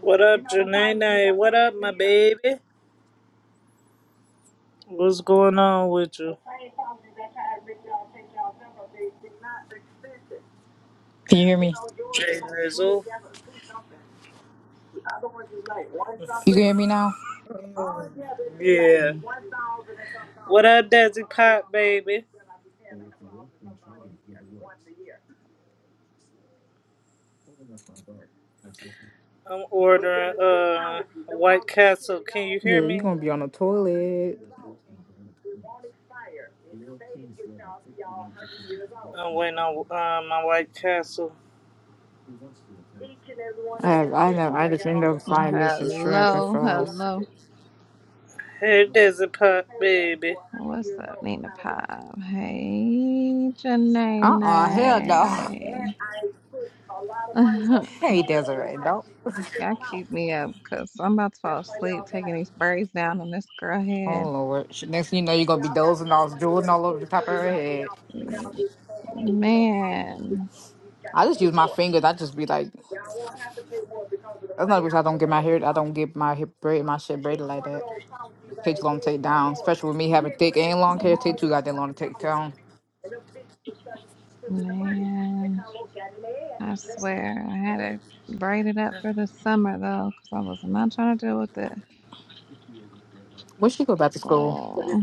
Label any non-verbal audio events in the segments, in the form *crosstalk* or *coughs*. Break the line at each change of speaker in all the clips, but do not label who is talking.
What up, Janene? What up, my baby? What's going on with you?
Can you hear me?
Jay Rizzle.
You can hear me now?
Yeah.
Yeah,
What up, Desi Pop, baby? I'm ordering uh White Castle. Can you hear
you're
me?
gonna be on the toilet.
I'm waiting on uh, my White Castle.
I have, I know. I just end up
Mm,
frying me some shrimp and
Hello,
fries.
hello.
It doesn't pop, baby.
What's up, Nina Pop? Hey,
Uh uh hell no. *laughs*
Janae. *laughs* Y'all
Hey, Desiree, no.
keep me up because I'm about to fall asleep taking these braids down on this girl head.
Oh Lord. Sh- Next thing you know, you're gonna be dozing off, drooling all over the top of her head.
Mm, Man,
I just use my fingers. I just be like, that's not because I don't get my hair. I don't get my hair braid, my shit braided like that. Takes long to take down, especially with me having thick and long
Mm,
hair. Take too goddamn long to take down.
man, I swear I had it braided up for the summer though because I was not trying to deal with it.
When she go back to school,
Oh,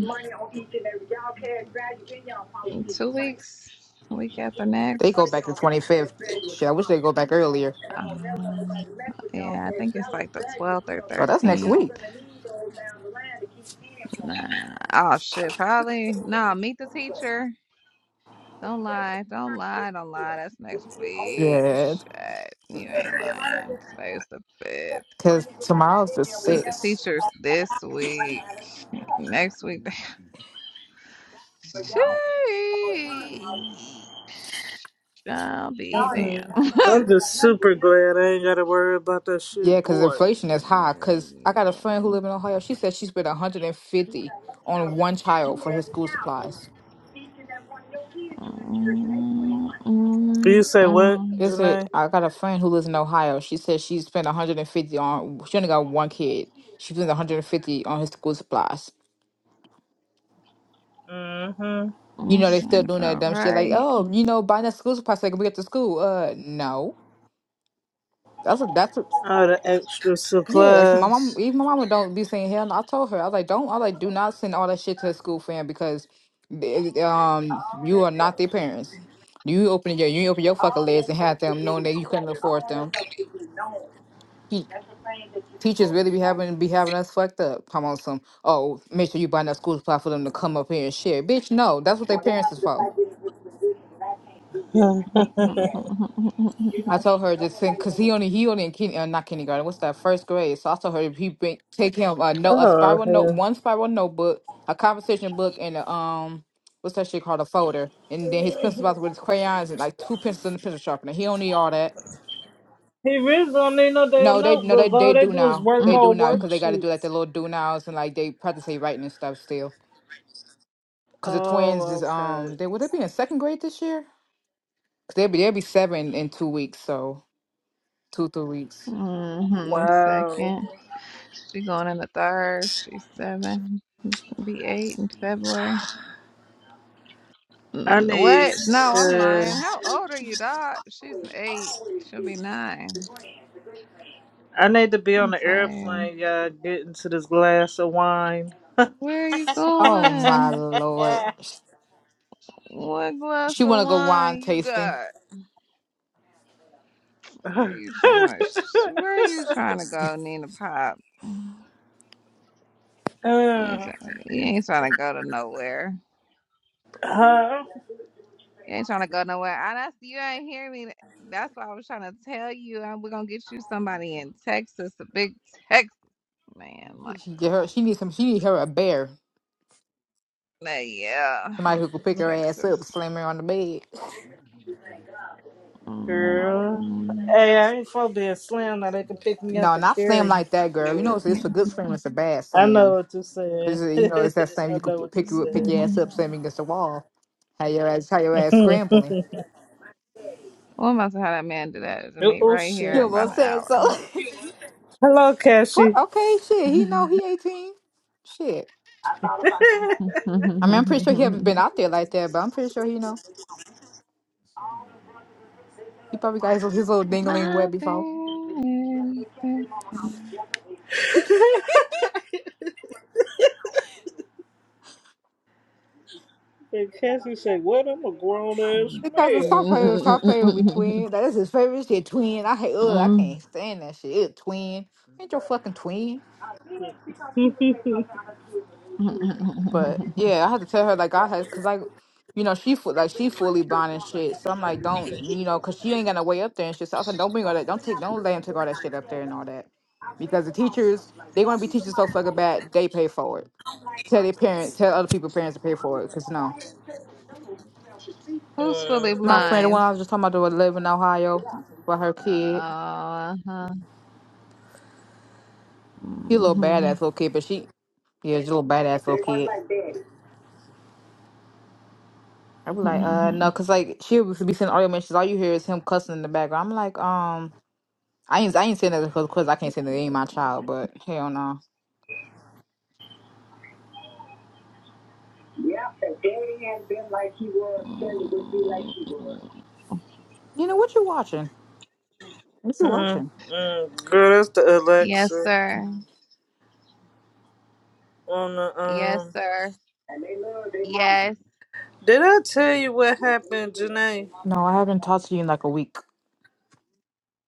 in two weeks, week after
they
next.
go back to 25th. Shit, I wish they go back earlier.
Um, yeah, I think it's like the 12th or
Oh, that's next
13th.
week.
Nah. Oh, shit. Probably. No, meet the teacher. Don't lie. Don't lie. Don't lie. That's next week.
Yeah,
Shit. You ain't lying. Today's the 5th.
because tomorrow's the
Meet the
sixth.
teachers this week. Next week. *laughs* Sheesh. I'll be damn. *laughs*
Mm-mm. I'm just super glad I ain't gotta worry about that
Yeah,
shit,
because
boy.
inflation is high. Because I got a friend who lives in Ohio. She said she spent 150 on one child for his school supplies.
Mm,
You
mm, mm,
say what,
mm.
Is it?
Janae?
I got a friend who lives in Ohio. She said she spent 150 on. She only got one kid. She spent 150 on his school supplies.
Mm-hmm.
You
That
know they still
sound
doing that
about
dumb shit like,
right.
oh, you know, buying that school supplies so they can bring it to school. Uh, no, that's a that's a
All the extra
Yeah, that's my mom.
supplies.
Even my mama don't be saying hell no. I told her I was like, don't. I was like, do not send all that shit to the school fam because, they- um, you are not their parents. You open your you open your fucking legs and have them knowing that you couldn't afford them. Te- Teachers really be having be having us fucked up. Come on, some oh, make sure you buy enough school supply for them to come up here and share. Bitch, no, that's what their parents is for.
*laughs*
I told her just think because he only he only in kin, uh, not kindergarten. What's that? First grade. So I told her if he bring, take him a note, a
Oh,
spiral note,
hell.
one spiral notebook, a conversation book, and a um, what's that shit called? A folder, and then his pencil box with his crayons and like two pencils and a pencil sharpener. He don't need all that.
He really don't need no damn
No, they no they
notebook. All
they
they
do
do is
now.
work
They do
on
now because they got to do like
worksheets.
their little do nows and like they practice their writing and stuff still. Because the twins is
Oh, okay.
um, they will they be in second grade this year? they they'll be they'll be seven in two weeks, so two three weeks.
Mhm,
Wow.
Second. She going in the third. She's seven. Be eight in February.
I
Mm,
need
What? No, I'm
uh,
lying. How old are you, Doc? She's an eight. She'll be nine.
I need to be on
I'm
the
tired.
airplane, y'all, getting to this glass of wine.
Where are you
Oh my
going?
lord.
What glass
She
of
wanna go
wine
wine
you
tasting.
got? Where
Uh,
are you trying to? Where are you trying to go, Nina Pop? You ain't trying to, you ain't trying to go to nowhere.
huh,
You ain't trying to go nowhere. I that's you ain't hear me. That's why I was trying to tell you. uh, We're gonna get you somebody in Texas, a big Texas man. Like,
She get her. She needs some. She need her a bear.
like, yeah,
Somebody who could pick her ass up,
Texas. *laughs*
slam her on the bed.
girl.
Mm, mm,
Hey, I ain't supposed to be a slam now they can pick me up
No,
and
not slam
carry me.
like that, girl. You know, it's,
mm,
it's a good slam. It's a bad
I know
slam.
what you're
Cause
saying.
uh,
*laughs*
you know, it's that slam
I
you could
know
p-
what you're
pick you up, pick
saying.
your ass up, slam
mm.
against the wall. How your ass? How your ass
Hmm. *laughs*
scrambling?
Well, I'm about to have had that man do that to
oh,
me
oh,
right here
You
shit.
in about
almost
an
said so.
hour.
Hello,
*laughs* what?
Cassie.
Okay, shit. He know he eighteen. Shit. I mean, I'm pretty sure he haven't been
*laughs*
out there like that, but I'm pretty sure he know. He probably got his, his little dingling
My
wet before.
baby.
*laughs* and Cassie said, what? I'm a grown-ass
Because the
man.
soft play, the soft play will be twin. That is his favorite shit, twin. I hate, ugh, I can't stand that shit. Ew, twin. Ain't your fucking twin.
*laughs* uh,
Mm.
But
*laughs*
yeah, I had to tell her, like, I had, because, like, you know, she fu- like she fully blind and shit. So I'm like, don't, you know, because she ain't got no way up there and shit. So I said, don't bring all that, don't take, don't let him take all that shit up there and all that. Because the teachers, they going to be teaching so fucking bad, they pay for it. Tell their parents, tell other people parents to pay for it. Because no.
Who's fully
My
uh,
friend, the
blind?
one I was just talking about, the one live in Ohio, with her kid.
Uh, *laughs*
She a little badass little kid, but she, yeah, she a little badass little kid. I be like, uh, no, cause like she was be sending audio messages. All you hear is him cussing in the background. I'm like, um, I ain't, I ain't saying that because, cause I can't say that it ain't my child, but hell no. You know what you watching? What
uh,
you watching?
uh. Girl, that's the
yes,
Alexa.
sir.
on the
Yes,
um.
sir. Yes.
Did I tell you what happened, Janae,
No, I haven't talked to you in like a week.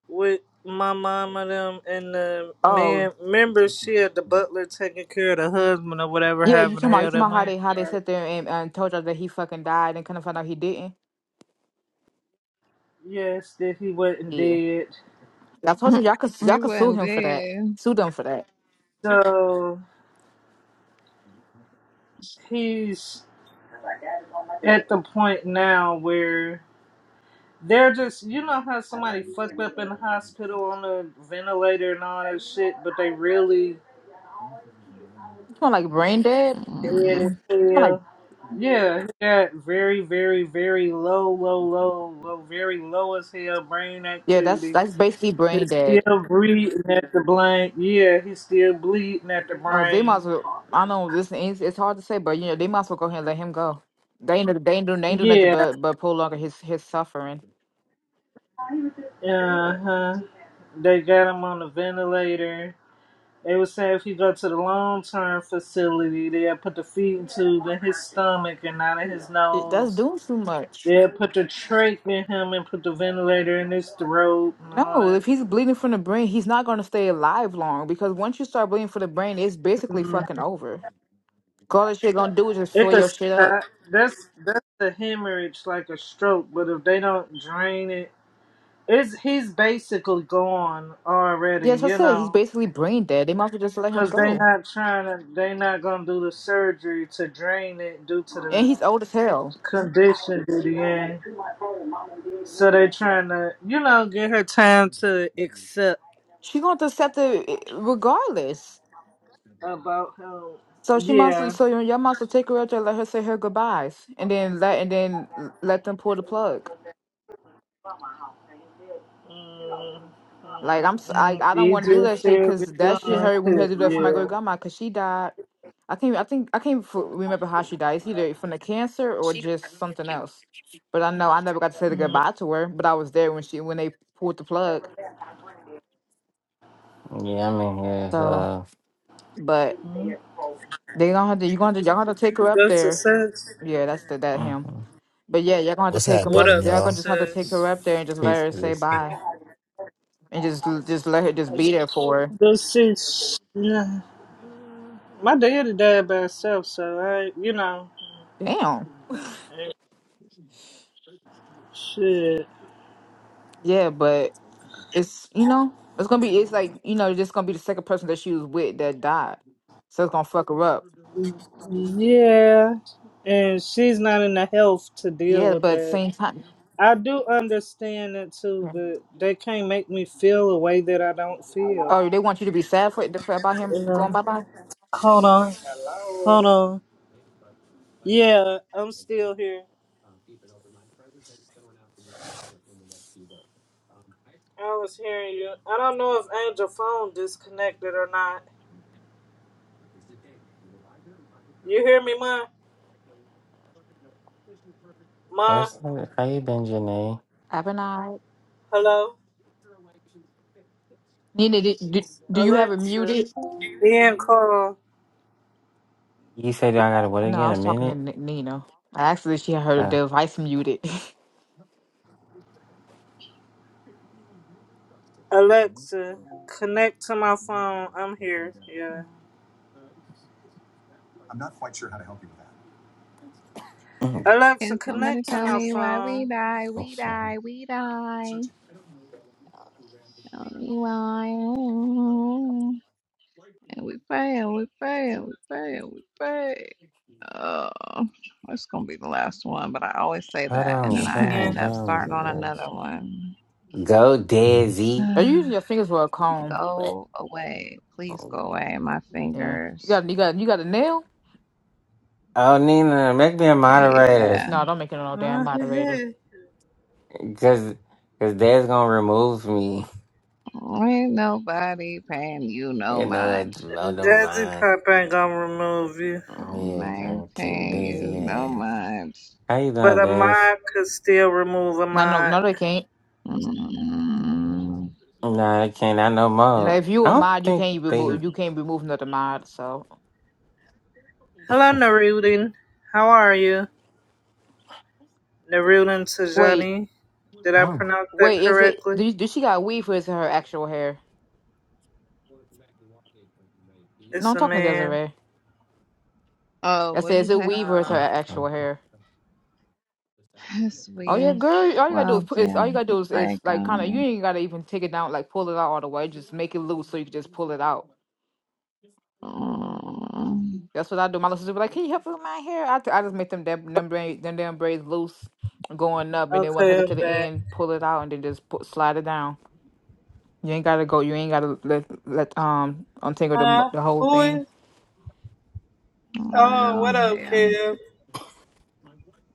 with my mom and them and the
Oh,
man? Remember, she had the butler taking care of the husband or whatever
yeah, you
happened. to
talking about you
Hell,
talking
that
about how
went.
they how they sat there and, and told y'all that he fucking died and couldn't find out he didn't.
Yes, that he wasn't
Yeah,
dead.
I told you
*laughs*
y'all could
We
y'all could sue
wasn't
him for that,
dead.
sue them for that.
So he's at the point now where they're just you know how somebody fucked up in the hospital on a ventilator and all that shit, but they really
You talking about like brain dead?
Dead as
Mm.
You talking about like
hell. Yeah, he got very, very, very low, low, low, low, very low as hell brain
yeah, that's
activity.
that's basically brain
He's
dead.
still breathing at the blank. Yeah, he's still bleeding at the
Oh, they might as
brain.
well. I know this is it's hard to say, but you know they might as well go ahead and let him go. They ain't do- they ain't do they ain't do nothing
Yeah,
but but prolong his his suffering.
uh huh. They got him on the ventilator. They would say if he go to the long term facility, they'll put the feeding tube in his stomach and out of his
It- That's
nose.
doing too much.
They'll put the trach in him and put the ventilator in his throat and all
No, if
that.
he's bleeding from the brain, he's not gonna stay alive long because once you start bleeding from the brain, it's basically fucking over. 'Cause All that shit gonna do is just
It
soil
could
your shit up.
uh, that's that's the hemorrhage like a stroke, but if they don't drain it, it's he's basically gone already,
Yes, I
you
said he's
know,
basically brain dead. They might as well just let him
because they
go.
not trying to they not gonna do the surgery to drain it due to
And
the
he's old as hell.
condition that he in. So they trying to you know get her time to accept
She gonna accept it eh, regardless.
about him.
So she must
Yeah.
so your your must will take her out there, let her say her goodbyes, and then let and then let them pull the plug.
Mm,
Like
mm,
I'm, s- I
mm.
I don't want to do
Easier
that shit
said
because
than
that shit hurt when we had to do that for my great
done.
grandma because she died. I can't, I think I can't f- remember how she died. It's either from the cancer or just something else. But I know I never got to say the
*laughs* Yeah.
goodbye to her, but I was there when she when they pulled the plug.
Yeah, I'm in here.
So,
Uh,
but they gonna have to you are gonna have to, y'all gonna have to take her
Is
up
that
there.
success?
Yeah, that's the, that him.
mhm.
But yeah, y'all gonna have to
What's
take him
What
up.
happening,
up,
Y'all
y'all?
gonna just have to take her
success?
up there and just let
this
her
is-
say
this.
bye. and just just let her just be there for her.
This is yeah. My daddy died by himself, so I, you know,
Damn.
shit.
Yeah, but it's you know it's gonna be it's like you know just gonna be the second person that she was with that died, so it's gonna fuck her up.
Yeah, and she's not in the health to deal
Yeah,
with
but
that.
same time.
I do understand that too,
yeah.
but they can't make me feel a way that I don't
Oh,
feel.
they want you to be sad for it for- about
You
him going
know?
bye bye.
Hold on, hold on. Yeah, I'm still here. I was hearing you. I don't know if Angel phone disconnected or not. You hear me, ma? Ma,
what's that? How you been, Janae?
Have a night.
hello,
Nina, did, did, do you have it
Alexa.
muted?
Ian call
You said I got to what
No, I
again?
was
A
talking to
minute?
N- Nina. Actually, she had her
Uh,
device muted.
Alexa. Connect to my phone. I'm here. Yeah.
*clears throat* hold
Alexa,
Can somebody
connect to
tell
my
me why we
phone.
die? We die. We die. Tell me why. Mm. And we fail. We fail. We fail. We fail. Uh, it's gonna be the last one, but I always say that,
on,
and then
hold
I
on,
Yeah.
end
hold
up
on.
starting on another
girls.
one.
Go, Desi.
*laughs* Are you using
*sighs*
your fingers for a comb?
What?
go away, please go away, my
Yeah. You
fingers.
got you got you got a nail?
Oh, Nina, make me a moderator,
Yeah,
No, don't make it
*laughs*
no damn moderator.
Desi
cause, cause Dad's gonna remove me. *laughs*
ain't nobody paying you no
You know, I
mind.
don't mind.
Pop ain't gonna remove you,
Yeah,
Ain't
I'm kick
paying you no
Desi ass.
mind.
How you
but
doing,
a
Dez?
mod could still remove a
No, no,
mod.
no, they can't.
Mm.
Nah, I can't. I know
No,
more.
if you
I
a
don't
mod, you
think
can't
they.
remove. You can't remove another mod. So
Hello, Narudin. How are you? Narudin
wait,
Tajani. Did I pronounce that
wait. Is it?
correctly?
Do, you, do she got weave or is it her actual hair? No,
It's
I'm
a
talking to
man.
Desiree.
Oh,
I
what'd
said,
you
is it
say?
weave or is her
Um.
Uh,
actual
okay.
hair?
*laughs* *sighs*
Oh yeah,
Sweet.
girl. All you gotta do is,
Well,
put, is
yeah,
all you gotta do
it's
is,
like
is like kind of. You
um.
ain't gotta even take it down, like pull it out all the way. Just make it loose so you can just pull it out.
mm,
That's what I do. My little sister be like, "Can you help me with my hair?" I, t- I just make them dab- them braids, them damn braids loose, going up, and then once I
Okay,
get to
I'm
the
back.
end, pull it out and then just put, slide it down. You ain't gotta go. You ain't gotta let let um untangle the mo-
Huh?
the whole
Who is
thing.
Oh, what
well,
up,
hell.
Kev?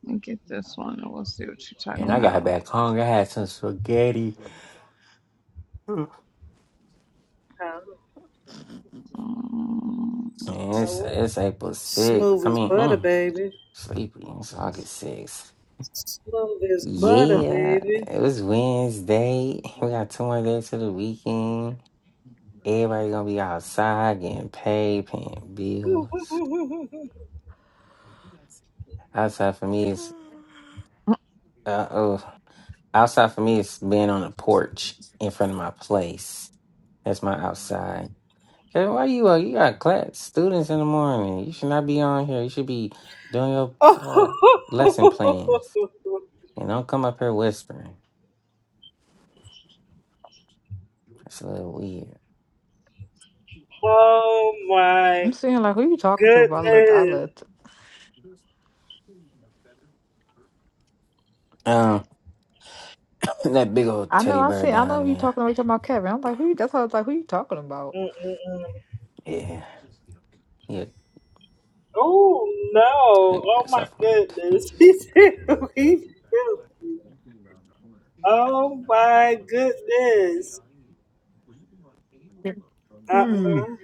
Let me get this one and we'll see what you're
And
talking
I
about.
got back home. I had some spaghetti. Mm.
Um,
Um,
And it's, it's April 6th.
Smooth
I
as
mean,
butter,
mm,
baby.
sleepy. It's August 6th.
Smooth as
mm,
butter,
mm,
Yeah,
baby.
it was Wednesday. *laughs* We got two more days to the weekend. Everybody gonna be outside getting paid, paying
Woo, woo,
bills.
woo, woo, woo, woo.
Outside for me is,
mm,
uh oh, outside for me is being on the porch in front of my place. That's my outside. Hey, why you uh, you got class students in the morning? You should not be on here. You should be doing your uh, lesson plans
*laughs*
and don't come up here whispering. That's a little weird.
oh
I'm
my
saying like, who you talking to? But I looked. I
goodness.
looked.
Um, *clears throat* that big old
I know.
teddy
I
bear
see. I know
down
who you
there.
talking about. You talking about Kevin. I'm like, who? You, that's how I was like, who you talking about?
Mm-mm-mm.
Yeah, yeah,
Oh no.
teddy
Oh
bear.
my
Stop on
goodness. *laughs* He
can
said
do like that.
he killed Oh my goodness.
Yeah.
Uh-uh.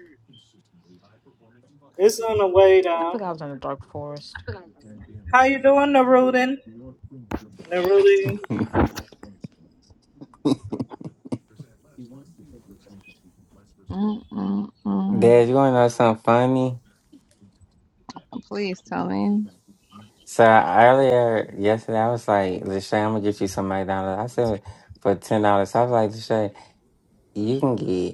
It's on the way
I
down.
think I was in the dark forest.
How you doing, Narudin?
it.
Narudin.
*laughs*
mm, mm. mm.
Dad, you want to know something funny?
Please tell me.
So earlier yesterday, I was like, Lachey, I'm gonna get you some McDonald's. I said for ten dollars. I was like, Lachey, you can get.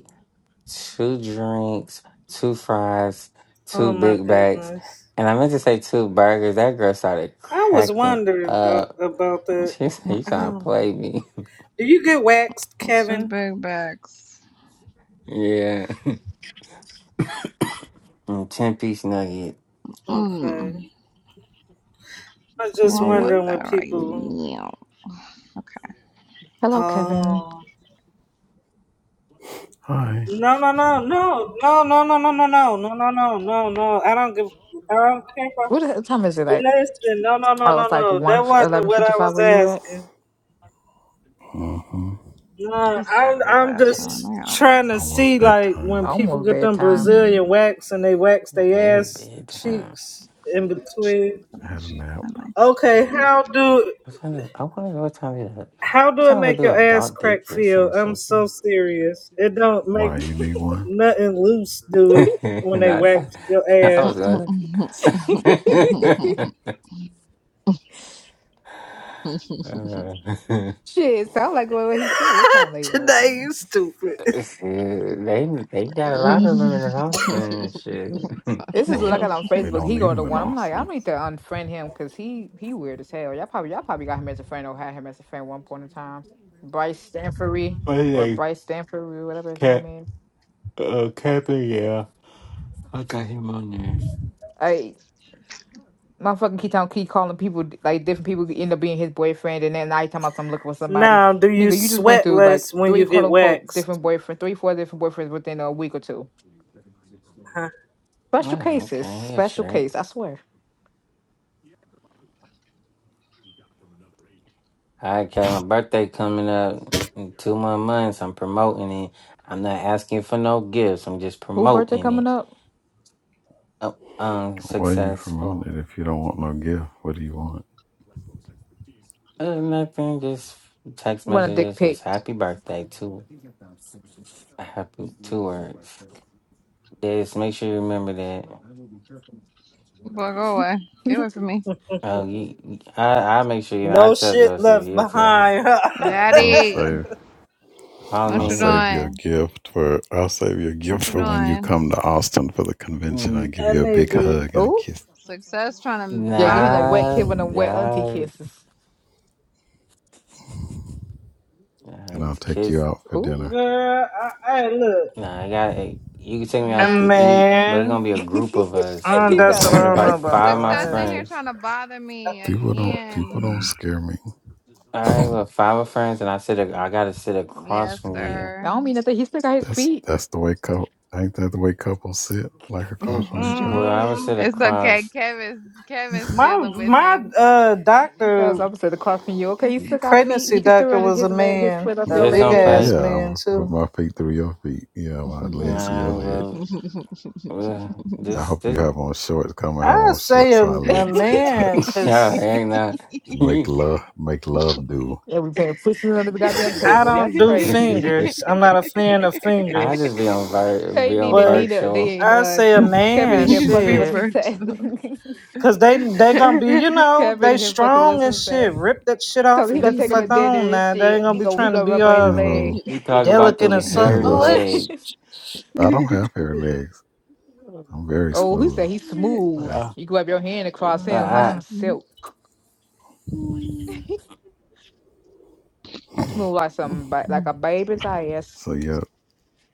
two drinks, two fries,
Oh
two
my
big bags,
goodness.
and I meant to say two burgers. That girl started
I was
cracking
wondering about,
up. *laughs*
about that.
She said,
Mm,
"You
I
trying to
don't know.
play me?"
Do you get waxed,
Two
Kevin?
big bags.
*laughs* yeah. *coughs* *laughs* and ten piece nugget.
Okay.
Mm.
I was just
Well, want
Yeah.
wondering when
that right
people.
now? Okay,
Hello, Kevin.
Oh. No, no, no, no, no, no, no, no, no, no, no, no, no, no, no. I don't give. I don't care. About,
What the hell- time is it? Like,
listen, no, no, no,
oh, it's
no,
like
no. That
one
wasn't
eleven
what
fifty
I
five.
was
Where you at?
asking.
mm hmm
No,
it's
I'm,
gotta be the
I'm
last one. I
just
gotta
trying
It's
work.
to
almost
see like when
bedtime.
people
Almost
get them
bedtime.
Brazilian
Mm. I
wax and they wax their
It's
ass
bedtime.
cheeks in between.
feel
I
like
had a
she's
nap.
in my
Okay,
sleep. *laughs*
how do
What time is, I wonder what time it is.
how
What
do it
time we
make
do
your ass
adult
crack
daycare
feel?
center
I'm
so
so
soon?
serious. It don't make
Why, you need one?
nothing loose do it
*laughs*
when they
Not that.
wax your
I
Mm,
ass.
mm,
was
mm,
*laughs*
mm,
gonna.
mm,
*laughs*
mm,
Uh, *laughs*
Shit. Sound like what what he said. What time
*laughs*
they
Today
open?
you stupid.
Shit, they they
mm.
got a lot of them in the house now and shit.
*laughs*
*laughs*
This is
Something
what I
Or
got
else.
on
we
Facebook.
don't
He
need
go to
them in
one.
Boy,
I'm like, I
Austin.
need to unfriend him because he he weird as hell. Y'all probably y'all probably got him as a friend or had him as a friend one point in time. Bryce Stanford or Bryce Stanford, whatever his name is.
I got him on there.
Hey, motherfucking keep on keep calling people like different people who end up being his boyfriend, and then now you talking about some looking for somebody.
Now, do you
Nigga, you just went
sweat
through like
less when you
three quote
get
unquote
waxed?
different boyfriend, three four different boyfriends within a week or two.
Huh?
Special
Oh,
cases,
okay, he a
special
trick.
case. I swear.
I got my birthday coming up in two more months. I'm promoting it. I'm not asking for no gifts. I'm just
Who birthday
promoting it.
coming up?
Oh, um,
Why you promoting
successful.
it if you don't want no gift? What do you want?
Uh, nothing. Just text
Want a dick
messages. It's
pic?
happy birthday. Two, happy two words. Just make sure you remember that.
go away. Get
*laughs*
away from me.
Oh, you, you- I I make sure you know. I
No
tell
shit
Joseph,
left
he'll tell you.
behind. *laughs*
Well, I'll
huh?
Daddy,
save.
Call
what
I'll
me
you
here.
save your
doing?
gift for. I'll save your gift
What you
for when you
doing?
come to Austin for the convention. I
N-
give
I
you a
need
big
to,
hug and a
Ooh.
kiss,
Success trying to
Yeah, give him
bother
a wet
Nah,
kid
me.
with them wet auntie
nah,
kisses.
nah,
and I'll take you
kiss.
out for
Ooh.
dinner.
girl. I, I look,
Nah, I got. eh, You can take me
a
out to eat, but
Nothing.
it's
man.
gonna be a
*laughs* he
group of us.
Uh,
It's- I'm
that's
*laughs*
sounds
what
gonna
I don't know
invite
ass.
about
five of
though.
my
Success
I
in
ain't,
here
friends.
trying to bother me
people don't. People
again.
don't scare me.
All right,
*laughs*
well, five of friends, and I sit. a-
Mm.
I gotta sit across
Yes,
from you.
I
sir.
don't mean nothing. He still got his
That's
feet.
that's the way couple. Ain't that the way couples sit like
*laughs*
across from
Ooh,
each
it's
other?
Well, I would
mm,
sit
okay.
across.
Kevin's Kevin's
my
dealing with
my
him.
uh
That was
doctor
opposite the clock from you. Okay, he still got feet.
Pregnancy
He can still
doctor
run
was a
his leg, his
man,
foot up
a
your
Just
big
don't
*laughs*
leg.
play.
ass
yeah, I'm
man
gonna put
too.
my feet through your feet. Yeah, my
*laughs*
legs through your
Nah,
leg.
well, well,
I
this,
hope you
this,
have on shorts. Come and have
I
on
say
shorts
a,
so our
*laughs*
a
legs can
man
*laughs*
touch.
nah,
because
ain't not.
Make
*laughs*
love, make love do.
Yeah, we playing pushing under the
*laughs*
goddamn
I
table.
don't
That's
do
crazy.
fingers. I'm not a fan of
I
fingers,
just be on vir,
Hey,
be on
Nina,
but
Nina,
virtual.
they
I
uh,
say a
kept it
man,
in here
you
fucking
Be
with
shit,
success. *laughs*
virtual.
because they they gonna be you know
kept it
they
in here fucking with
strong and shit.
success.
Rip that shit
So
off
he
and
gonna
get the
take her
fuck
to dinner
on
and
now. They ain't
shit.
gonna
He
be
gonna we
trying to
gonna
be
rub on his
all
leg.
hello,
He talk about
delicate
them
and soft.
hairy
hello.
Oh,
*laughs*
it's
legs.
I don't have hairy
shit.
legs. I'm very
Oh, he
smooth.
said he's
*laughs* *laughs*
smooth.
That's,
Uh,
You grab your hand across him like
I,
hmm
some
*laughs*
silk. *laughs* smooth like some ba- like a baby's ass.
so yeah,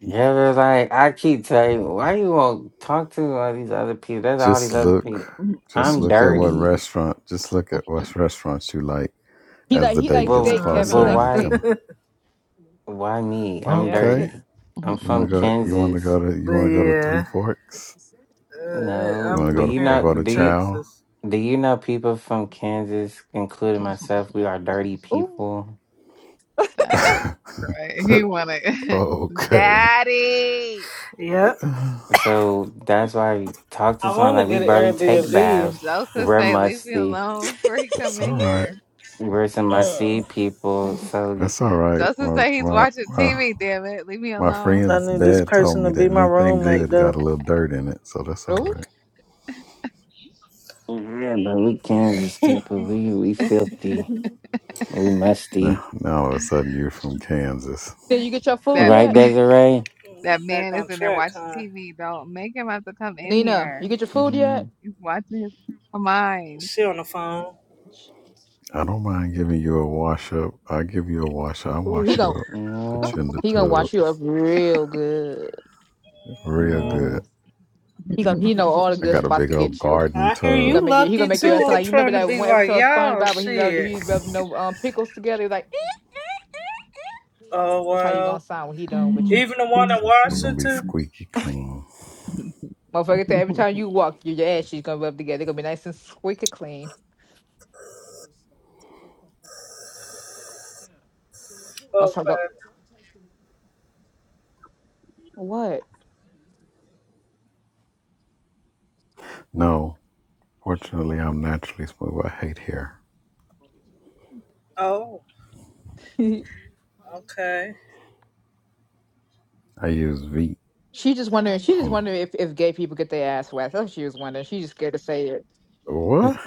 yeah, but like I keep telling you, why you won't talk to all these other people? There's all these
Just
other
look,
people.
just
I'm
look at what
dirty,
restaurant, just look at what restaurants you like
He
as
like
the
he like
date gets
but
steak, Kevin. He
closer,
but
hmm
like
and you
*laughs*
why
tell
steak.
me,
why me?
oh,
I'm
Yep.
okay,
T-
dirty. I'm
you want to
from
go, you want to
Kansas.
go to, you
But
want to go to Three
yeah,
Forks,
uh,
you
No,
I'm
want to
do
go to
you know?
preparing
Fogo
for
de
Do you
Chao.
Texas.
do you know people from Kansas, including myself? We are dirty
ooh,
people,
That's great. He
*laughs*
wanted *laughs*
okay,
Daddy
Yep.
so that's why I talk to
I
someone
want to
like we
get an
*laughs*
barely take
Airbnb.
baths.
Joseph
We're
say leave me
musty.
alone before he come
that's
in
all
*laughs*
right.
here.
We're some
That's
musty
Mm.
*laughs*
people. So y-
that's all right.
Joseph
My
say he's
my
watching
my
TV, damn it. Leave me
my
alone.
I
friend's
need this
dad told
person
me
to
that
be my
anything
roommate,
good got
though.
a little dirt in it, so that's all
ooh.
right.
yeah, but we Kansas people. We we filthy. We musty.
Now, now all of a sudden you're from Kansas.
Did you get your food
That
Right,
yet,
*laughs*
Desiree?
that
Back
man
on
is in there
track,
watching
huh?
TV. Don't make him have to come in
Nina?
here.
You get your food
Mm-hmm.
yet?
He's watching his criminal mind.
She on the phone.
I don't mind giving you a wash up. I give you a wash up. I
Ooh,
wash
he
you
gon'
up. Put you
No,
in the
he gonna
tub.
wash you up real good.
Real
Mm.
good.
no.
He gonna he know all the
I
good
got a
spots
big
to
old
get you.
garden
I hear
He
tub.
gonna
you
make you he
lucky,
gonna make you
too.
sound
I'm
like you remember
trying to
that
be
one
like,
episode of
y'all,
SpongeBob where he rubbed
shit.
he's rubbing no um pickles together. He like "Eh."
Oh,
that's how you gonna
well.
sound when he done with you.
Even the one in
It's gonna be
Washington?
squeaky clean.
Motherfucker said every
*laughs*
time you walk, your, your ass she's gonna rub together. they gonna be nice and squeaky clean. I was
Okay.
like, what?
No, fortunately I'm naturally smooth. I hate hair.
Oh,
*laughs* she
okay.
I use V
just wondering. She just
um
wondering if, if gay people get their ass waxed. That's what she was wondering. She just scared to say it.
what?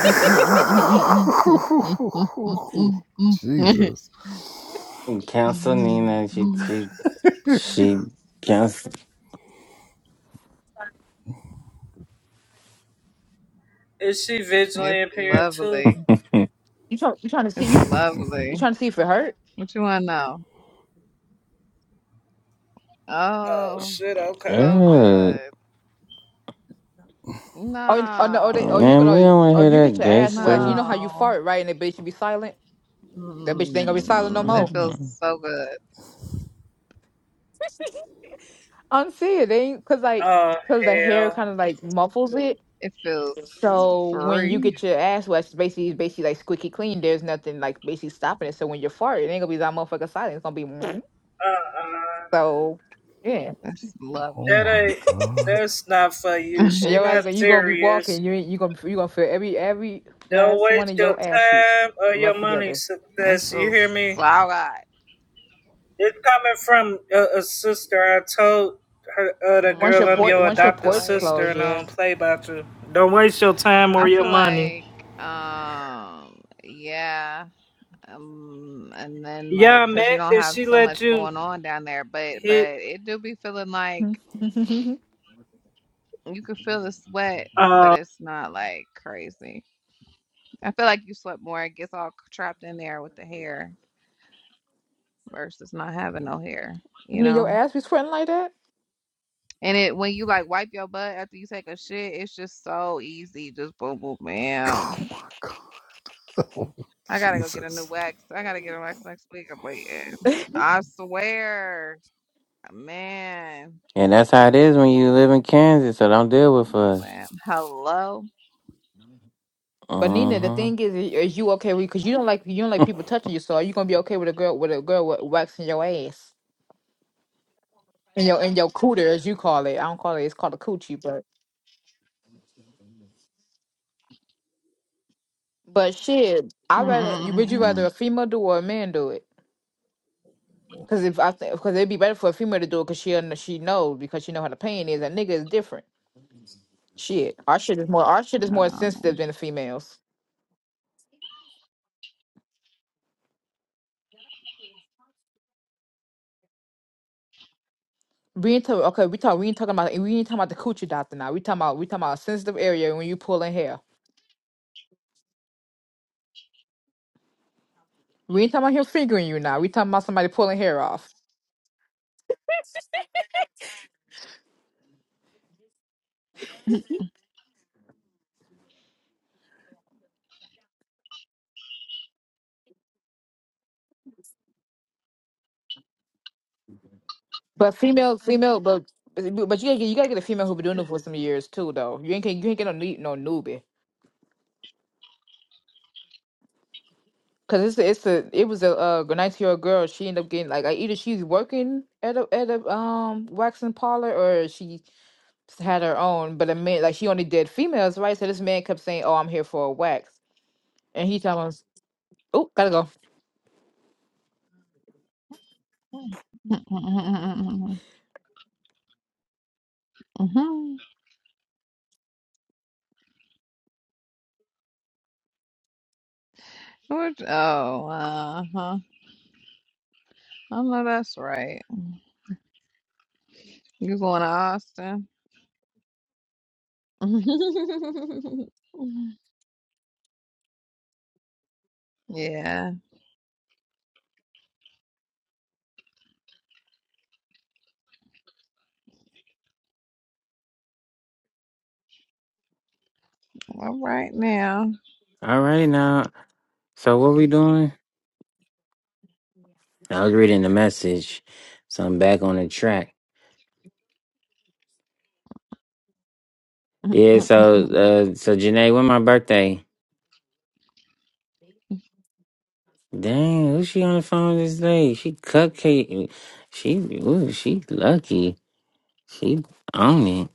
It's
Jesus.
*laughs* Council Nina. She she
*laughs*
she counsel.
Is she visually impaired, too?
lovely.
*laughs*
You trying you trying to see
It's
you
lovely.
you trying to see if it hurt?
What you want to know?
Oh,
Oh,
shit, okay.
so
Ew.
good.
Oh, n- oh no, oh, they, oh
No,
you
Man,
gonna
we
oh,
don't want to
oh,
hear
if you get
that
your
gay
ass waxed, you know
stuff.
how you
no.
fart right, and the bitch should be silent. That bitch ain't gonna be silent no
Mm, it
more.
feels
Mm.
so good.
Unsee it, they ain't cause like
Oh,
cause the hair
hell.
kind of like muffles it.
It feels
So when you
free.
get your ass waxed, basically it's basically like squeaky clean. There's nothing like basically stopping it. So when you fart, it ain't gonna be that motherfucker silent. It's gonna be "Mm."
Uh-uh.
*laughs* so yeah.
It's
oh
lovely.
That
my
ain't...
god.
That's not for you.
And
She
*laughs*
your ass gonna
not
you gonna be
serious.
walking. You ain't- you gonna you gonna feel every every
Don't
last one
waste
of
your
your ass cheeks
time or your
rubbed
money,
together.
It
success. You
feels
hear me?
so good.
It's coming from a, a sister. I told her, uh, the
Once
girl,
your
I'm
port
your
Mm,
once
I
your
feel
adopted
ports
like
sister,
close,
and I
yeah.
don't play about you. Don't waste your time or
I
your
feel
money.
like, um, yeah, um, and then
Yeah,
like,
I
cause you
meant
don't
that
have
she
so
let
much
you
going on down there, but
hit
but it do be feeling
*laughs*
like
you
you can feel the sweat,
uh
but it's not like crazy. I feel like you sweat more. It gets all trapped in there with the hair versus not having no hair, you
know your
know.
ass be sweating like that.
And it when you like wipe your butt after you take a shit, it's just so easy. Just boom, boom,
*laughs*
bam.
Oh my god.
I
*laughs*
gotta go get a
Jesus.
new wax. I gotta get a wax next week. I'm waiting. I swear, man.
And that's how it is when you live in Kansas, so don't deal with
Boom, boom,
us.
bam. Hello.
But Nina, the
Uh-huh.
thing is, is you okay with? Because you don't like you don't like people touching you. So are you gonna be okay with a girl with a girl wa- waxing your ass? And your and your cooter, as you call it. I don't call it. It's called a coochie, but but shit, I rather you would you rather a female do or a man do it? Because if I think because it'd be better for a female to do it because she un- she knows because she know how the pain is. A nigga is different. Shit, our shit is more our shit is more sensitive than the females. We ain't talk, okay. We talk. We ain't talking about. We ain't talking about the coochie doctor now. We talking about. We talking about a sensitive area when you pulling hair. We ain't talking about him fingering you now. We talking about somebody pulling hair off. But female, female, but but you gotta get you gotta get a female who been doing it for some years too, though. You ain't get- you ain't get no new- no newbie. Cause it's a, it's a it was a uh, 19 year old girl. She ended up getting like uh, either she's working at a at a um waxing parlor or she had her own. But a man like she only did females, right? So this man kept saying, "Oh, I'm here for a wax," and he telling us, "Oh, gotta go."
Which, *laughs* oh, uh huh. I know that's right. You going to Austin? *laughs* yeah. All right now.
All right, *laughs* now. So what we doing? I was reading the message, so I'm back on the track. Yeah, so
*laughs*
uh so Janae, when my birthday? Dang, who's she on the phone this day? She cupcake she ooh, she lucky. She on it.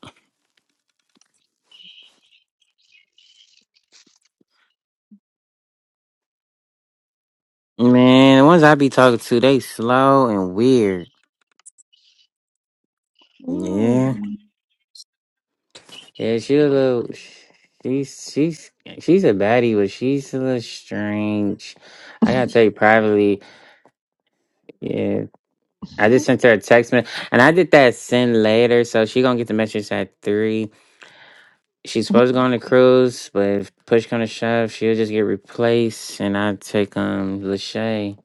Man, the ones I be talking to, they slow and weird. Yeah. Yeah, she a little she's she's she's a baddie, but she's a little strange. I gotta tell you privately, yeah. I just
Mm.
sent her a text message and I did that send later, so she gonna get the message at three. She's supposed to go on the cruise, but if push come to shove, she'll just get replaced, and I take um Lachey.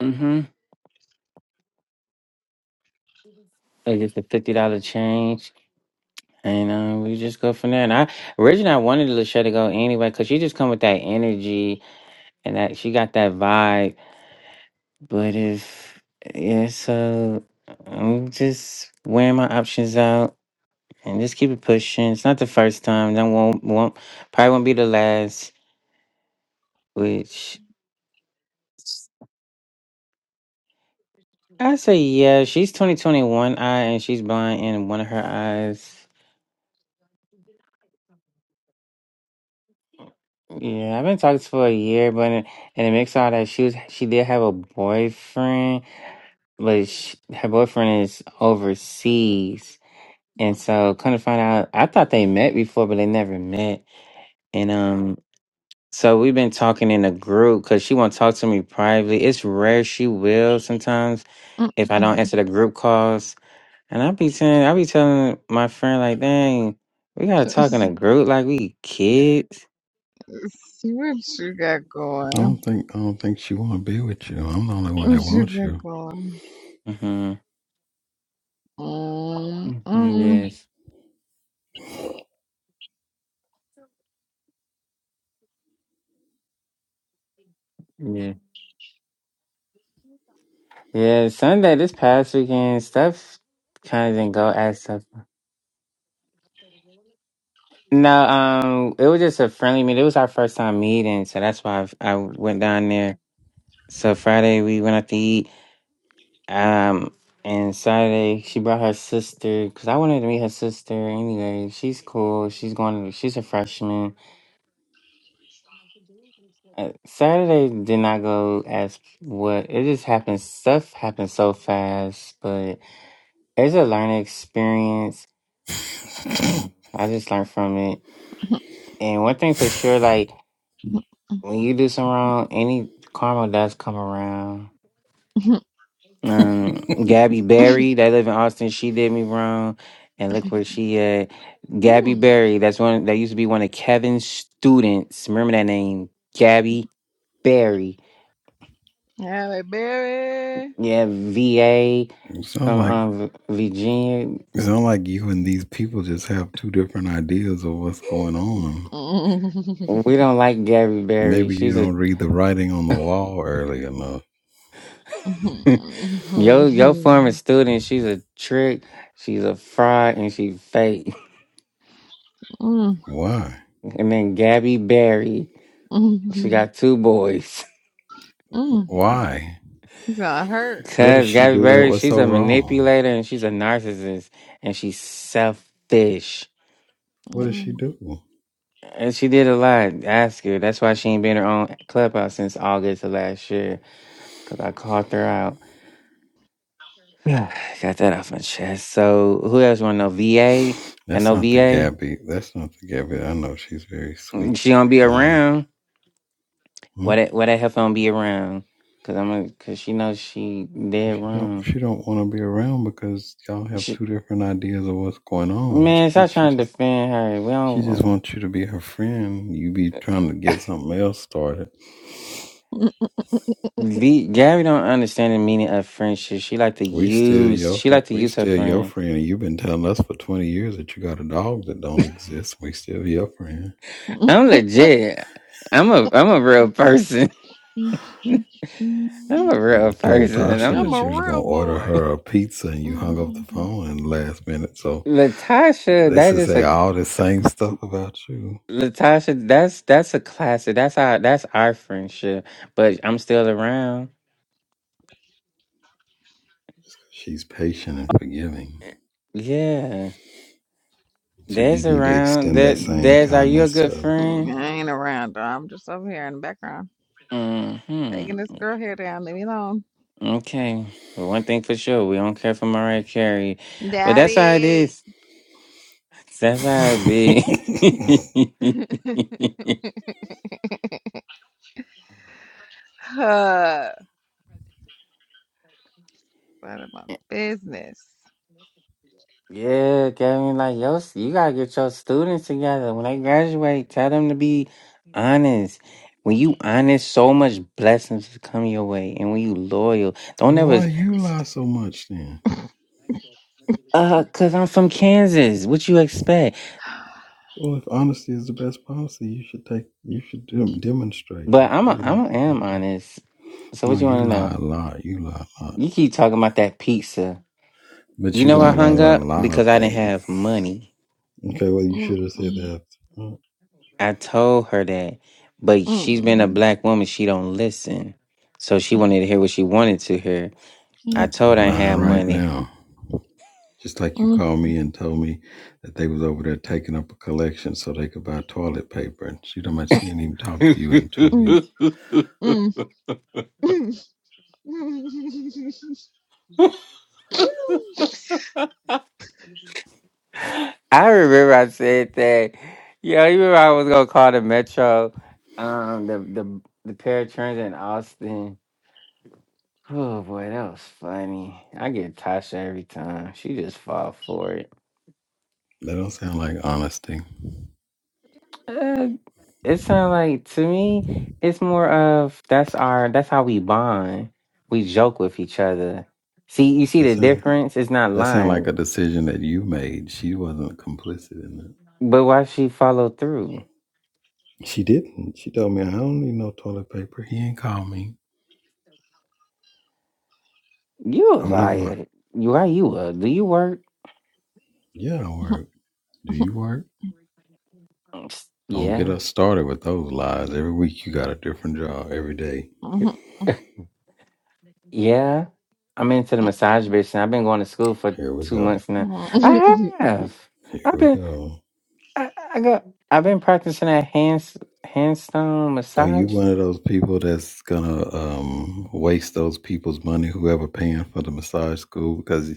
Mm-hmm. It's just a fifty dollar change, and um, we just go from there. And I originally I wanted Lachey to go anyway, cause she just come with that energy and that she got that vibe. But if yeah, so I'm just weighing my options out and just keep it pushing. It's not the first time. That won't won't probably won't be the last. Which I say yeah. She's twenty twenty one eye, and she's blind in one of her eyes. Yeah, I've been talking to her for a year, but and it makes out that she was she did have a boyfriend, but sh her boyfriend is overseas, and so couldn't find out. I thought they met before, but they never met. And um, so we've been talking in a group because she won't talk to me privately. It's rare she will sometimes if I don't answer the group calls. And I be saying, I be telling my friend like, dang, we gotta talk
*laughs*
in
*laughs*
a group like we kids.
See what you got
I
going.
don't think I don't think she want to be with you. I'm the only one that
What you
wants
got
you.
going?
hmm
Mm,
hmm
mm,
Yes. Yeah. Yeah. Sunday this past weekend, stuff kind of didn't go as stuff. No, um, it was just a friendly meet. It was our first time meeting, so that's why i I went down there. So Friday we went out to eat. Um, and Saturday she brought her sister because I wanted to meet her sister anyway. She's cool. She's going. She's a freshman. Uh, Saturday did not go as what it just happened. Stuff happened so fast, but it's a learning experience, and I just learned from it. And one thing for sure, like when you do something wrong, any karma does come around. Um, Gabby Berry, that live in Austin, she did me wrong, and look where she at.
*laughs*
Gabby
mm.
Berry, that's one that used to be one of Kevin's students. Remember that name, Gabby Berry.
Halle Berry.
Yeah, VA.
It's not
from
like
um Virginia.
it's not like you and these people just have two different ideas of what's going on.
Mm.
We
*laughs*
don't like Gabby Berry.
Maybe you
She's a
don't read the writing on the wall early enough.
*laughs*
Mm,
yo yo former student. She's a trick. She's a fraud and she fake. *laughs*
Why?
And then Gabby Berry.
mm,
She
mm,
got two boys.
mm.
Why?
He's gonna
*laughs*
hurt.
What did
Cause
she
Gabby
do that
Berry,
was
she's
so
a
wrong?
manipulator and she's a narcissist and she's selfish.
What did she
Mm.
do?
And she did a lot. Ask her. That's why she ain't been in her own clubhouse since August of last year. Cause I called her out. I got that off my chest. So who else want to know? VA? I
That's
know
not the
VA.
Gabby. That's not the Gabby. I know she's very sweet,
She gonna be
kind.
around.
Hmm.
Why that? Why that heifer gonna be around? Cause I'm a, cause she knows she dead
She don't
wrong.
she don't want to be around because y'all have
She,
two different ideas of what's going on. I
man,
think
stop
she
trying to
just
defend her. We
she just
don't.
wants you to be her friend. You be trying to get something else started.
V, Gabby don't understand the meaning of friendship. She like to
We still
use.
your
She
fri-
like to
we
use her
still your
friends.
friend. and You've been telling us for twenty years that you got a dog that don't exist. We still your friend.
Mm.
I'm legit. I'm a. I'm a real person. *laughs* I'm a
You
real
told
person.
Tasha
I'm
that
a
I'm
you was gonna
real
order
boy.
her a pizza and you hung up the
Mm.
phone in the last minute. So
Latasha.
they
That's
should
just
say
a.
all the same stuff about you.
Latasha, that's that's a classic. That's our that's our friendship. But I'm still around.
Just 'cause She's patient and forgiving.
Yeah.
So you
There's
need to
around.
extend that
That
same
there's are you a
kindness to
good
other
friend?
I ain't around though. I'm just over here in the background.
hmm
Taking this girl here down. Leave me alone.
Okay. But one thing for sure, we don't care for Mariah Carey. But that's how it
Daddy.
is. That's how it be.
people. *laughs*
*laughs* Huh, None of
*laughs*
my business.
Yeah, Kevin, like yo, you gotta get your students together. When they graduate, tell them to be honest. When you honest, so much blessings will come your way. And when you loyal, don't
well,
ever
why you lie so much then?
uh cause I'm from Kansas. What you expect?
Well, if honesty is the best policy, you should take, you should dem- demonstrate. You
But
should
I'm
be
a
an
I'm a, am
example.
honest. So
No,
what you
you
wanna
lie
know?
a lot. You lie a lot.
You keep talking about that pizza.
But
You
you
know
lie
I
a lot
hung
about a
up
lot of
because I didn't
things.
have money.
Okay, well, you
Mm,
should have said
mm,
that. up
I told her that. But she's been a
mm,
black woman, she don't listen. So she wanted to hear what she wanted to hear. I
mm,
You
told I
lying
had
mm,
right
money.
now. Just like you
mm, mm,
called me and told me that they was over there taking up a collection so they could buy toilet paper. And she done much she ain't even
*laughs* I
talked to you in two
mm,
weeks.
mm, mm,
remember I said that. Yo, you remember I was gonna call the Metro, um, the the the paratrans in Austin. Oh boy, that was funny. I get Tasha every time. She just fall for it.
That don't sound like honesty.
Uh, it sounds like to me, it's more of that's our that's how we bond. We joke with each other. See, you see
That
the
sound
difference. It's not
that sound
lying.
like a decision that you made. She wasn't complicit in
But why she follow through?
it. She didn't. She told me I don't need no toilet paper. He ain't call me.
You a
I'm not my
liar. You why you a do you work?
Yeah, I
*laughs*
work. Do you work?
"Mm,
Don't get
Yeah.
us started with those lies. Every week you got a different job. Every day.
*laughs* Yeah. I'm into the massage business. I've been going to school for
Here we
two
go.
months now. I have.
Here
I've
we
been
go.
I, I got I've been practicing that hands handstone
Are you
massage.
one of those people that's gonna um, waste those people's money, whoever paying for the massage school? Because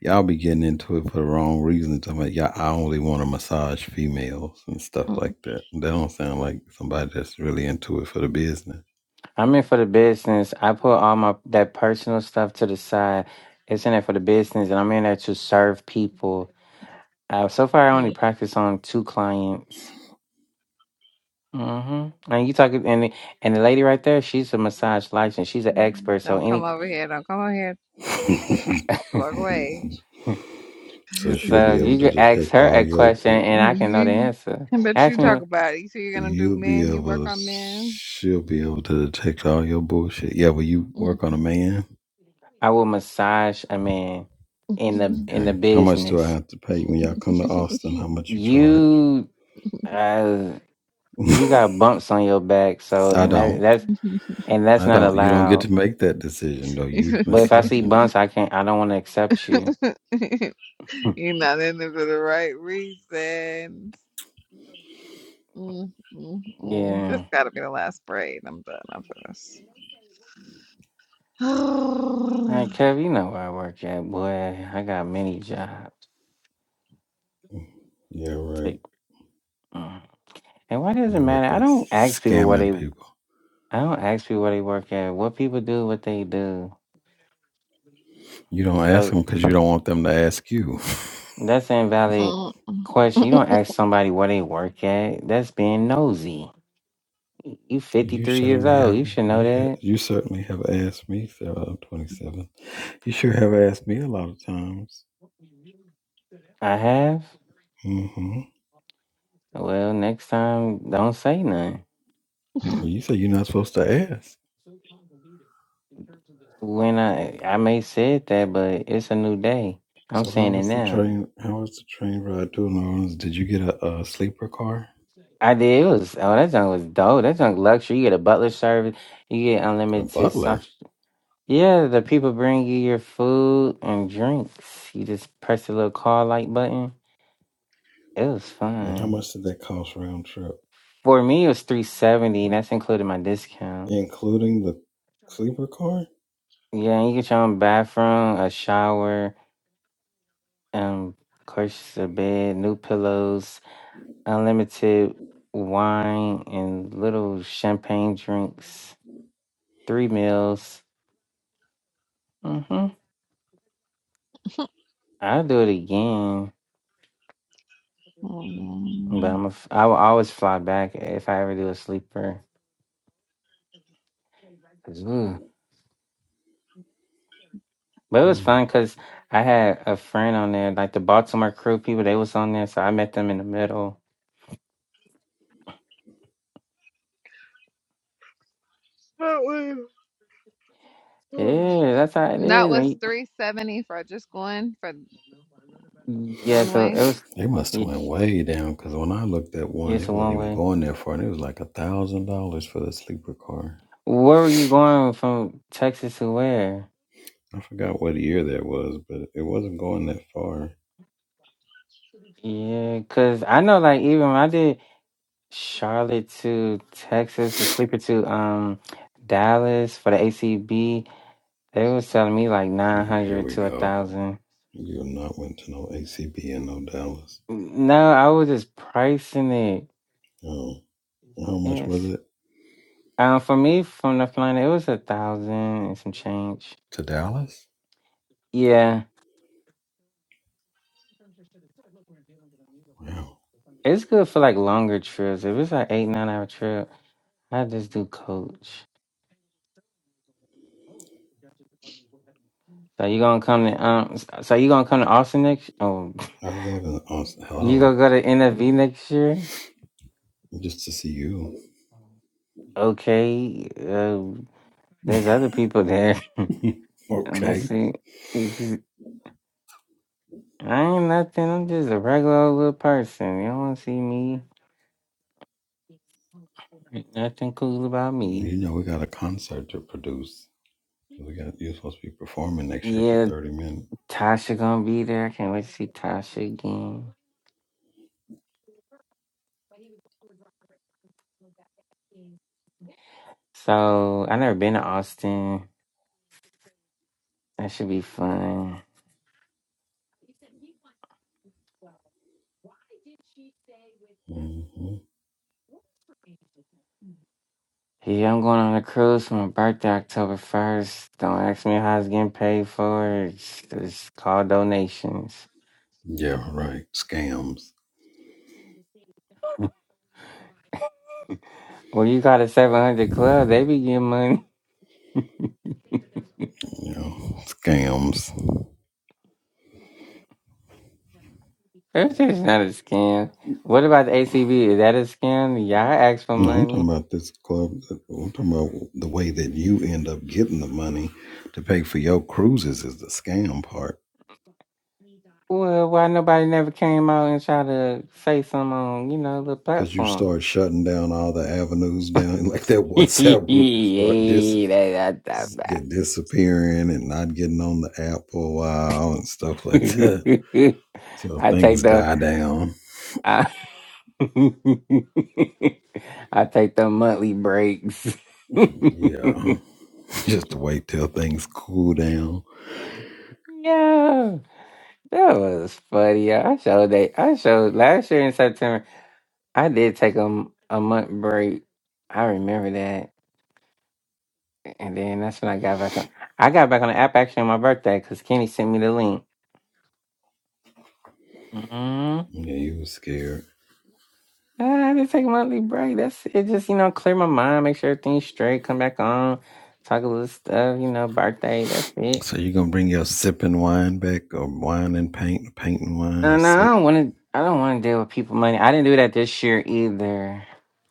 Y'all be getting into it for the wrong reasons. I'm like, y'all, I only want to massage females and stuff
mm.
like that. That don't sound like somebody that's really into it for the business.
I'm in for the business. I put all my that personal stuff to the side. It's in there for the business, and I'm in there to serve people. Uh, so far, I only practice on two clients. hmm And you talking and and the lady right there, she's a massage license. She's an expert. So
Don't come
any,
over here. Don't come over here.
*laughs*
*laughs*
Walk away.
so she'll
*laughs*
so
be able
you
to
can ask
detect
her
all
a
your,
question, and I can know the
You-
answer.
I bet you
Ask me.
talk
what-
about it. You say you're gonna do
you'll be
men. You work
able,
on men.
she'll be able to detect all your bullshit. Yeah, will you work on a man?
I will massage a man in the in the
Okay. How much do I
business.
have to pay when y'all come to
*laughs*
Austin? How much you charge?
You. uh,
*laughs*
you got bumps on your back, so
I
and that
don't.
that's and that's
I
not
don't. You don't get
allowed.
to make that decision though. You
But if I see
massaging.
bumps, I can't. I don't want to accept you.
*laughs* You're not in there for the right reasons. Mm, mm, mm. This
Yeah.
gotta be the last braid. I'm done after this.
All right,
*sighs*
Kev, you know where I work at, boy. I got many jobs. I
Yeah, right.
Take. mm. And why does it
You work
matter? I
at
don't ask people where
scamming
they.
people.
I don't ask people where they work at. What people do, what they do.
You don't ask
So
them because you don't want them to ask you. *laughs*
that's an invalid question. You don't ask somebody where they work at. That's being nosy. You fifty
You
three years
certainly
old.
have.
You should know
You ha-
that.
you certainly have asked me, Sarah. I'm 27. You sure have asked me a lot of times.
I have.
Mm-hmm.
Well, next time, don't say nothing.
Well, you say you're not supposed to ask.
When I I may said that, but it's a new day. I'm
So how
saying it
was the
now.
train? How was the train ride to New Orleans? Did you get a, a sleeper car?
I did. It was oh that junk was dope. That junk luxury. You get a butler service. You get
A
unlimited
butler.
soft. Yeah, the people bring you your food and drinks. You just press the little call light button. It was
And how
fun.
much did that cost round trip,
For me, it was three seventy. That's included my discount.
including the sleeper car?
Yeah, and you get your own bathroom, a shower, um, of course, a bed, new pillows. unlimited wine and little champagne drinks, three meals. hmm I'll do it again,
Mm,
but
mm, mm.
I'm a, f- I will always fly back if I ever do a sleeper. 'Cause, ooh. But it was
Hmm.
fun because I had a friend on there, like the Baltimore crew people. They was on there, so I met them in the middle.
That was *sighs*
Yeah, that's how it
That
is.
was
Right?
370 for just going for
Yeah,
one
so
way.
it was.
They must have
y-
went way down because when I looked at one,
It's
it
a
wasn't
one
even
way.
going that far, and it was like a thousand dollars for the sleeper car.
Where were you going from Texas to where?
I forgot what year that was, but it wasn't going that far.
Yeah, cause I know, like even when I did. Charlotte to Texas, a sleeper to um Dallas for the ACB. They was telling me like nine
Oh, here
hundred
we
to a
go.
thousand.
You have not went to no ACB and no Dallas.
No, I was just pricing it.
Oh, how much was
Yes.
it
Um, for me from North Carolina, it was a thousand and some change.
to Dallas?
Yeah,
Wow,
it's good for like longer trips. If it's like eight nine hour trip, I just do coach. So you gonna come to um? So you gonna come to Austin next? Oh.
I live in Austin.
You gonna
Hello,
go to NFB next year?
just to see you.
Okay. Um, there's other people there.
*laughs*
*laughs* I'm
okay,
see. ex- I ain't nothing. I'm just a regular old little person. You don't wanna see me. Ain't nothing cool about me.
you know we got a concert to produce. We got you're supposed to be performing next year for
Yeah,
thirty minutes.
Tasha gonna be there. I can't wait to see Tasha again. So I never been to Austin. That should be fun.
hmm
Yeah, I'm going on a cruise for my birthday, October first. Don't ask me how it's getting paid for. It's, it's called donations.
Yeah, right. Scams.
*laughs* Well, you got a 700 club. They be getting money.
You know, scams.
*laughs* That's just not a scam. What about the ACB? Is that a scam? Y'all ask for
No, I'm talking
money.
about this club. I'm talking about the way that you end up getting the money to pay for your cruises is the scam part.
Well, why nobody never came out and tried to say something on, you know, the
Because you
platform?
start shutting down all the avenues down, *laughs* like that
*laughs*
WhatsApp group, you start dis-
hey, that that. thought
get disappearing and not getting on the app for a while and stuff
about.
like *laughs* that
*laughs*
till
I take
things
the
die down.
I, *laughs* I take the monthly breaks. *laughs*
Yeah. *laughs* Just to wait till things cool down.
yeah. That was funny. I showed that. I showed last year in September. I did take a, a month break. I remember that. And then that's when I got back on. I got back on the app actually on my birthday because Kenny sent me the link. mm
Yeah, you were scared.
I did take a monthly break. That's it. Just, you know, clear my mind, make sure everything's straight, come back on, talk a little stuff, you know, birthday. That's it.
So you gonna bring your sipping wine back, or wine and paint, paint and wine,
No,
or
no, I
sip?
don't want to. I don't want to deal with people money. I didn't do that this year either.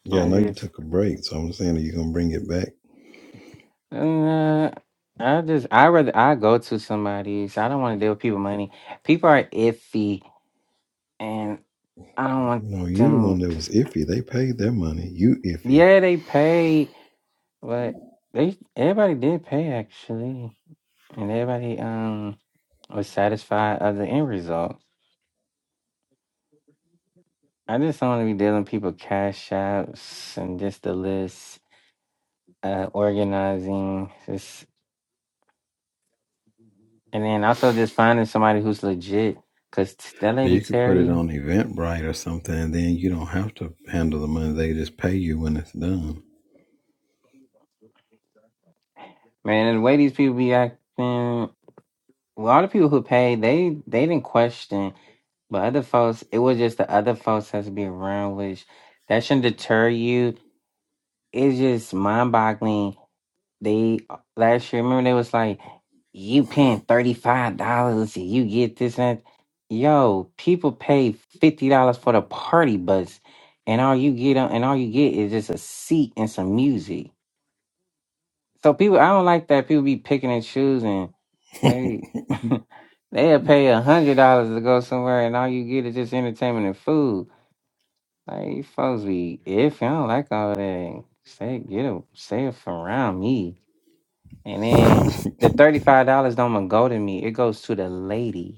Yeah, I
I
know you
just
took a break, so I'm saying are you gonna bring it back?
Uh, I just I rather I go to somebody's. I don't want to deal with people money. People are iffy, and I don't want
No, you the one
them.
that
To,
was iffy. They paid their money. You iffy.
yeah, they paid, but they everybody did pay actually, and everybody um was satisfied of the end result. I just don't want to be dealing with people cash apps and just the list, uh, organizing, just, and then also just finding somebody who's legit. Cause that
Or
lady
you could put it
Terry.
on Eventbrite or something, and then you don't have to handle the money. They just pay you when it's done.
Man, the way these people be acting, well, a lot of people who paid, they they didn't question, but other folks, it was just the other folks has to be around, which that shouldn't deter you. It's just mind boggling. They last year, remember they was like, you paying thirty five dollars, you get this and that. Yo, people pay fifty dollars for the party bus, and all you get and all you get is just a seat and some music. So people, I don't like that people be picking and choosing.
*laughs* well,
Hey, *laughs* they'll pay a hundred dollars to go somewhere, and all you get is just entertainment and food. Like you folks be if I don't like all that, stay get a stay from around me. And then the thirty five dollars don't even go to me; it goes to the lady.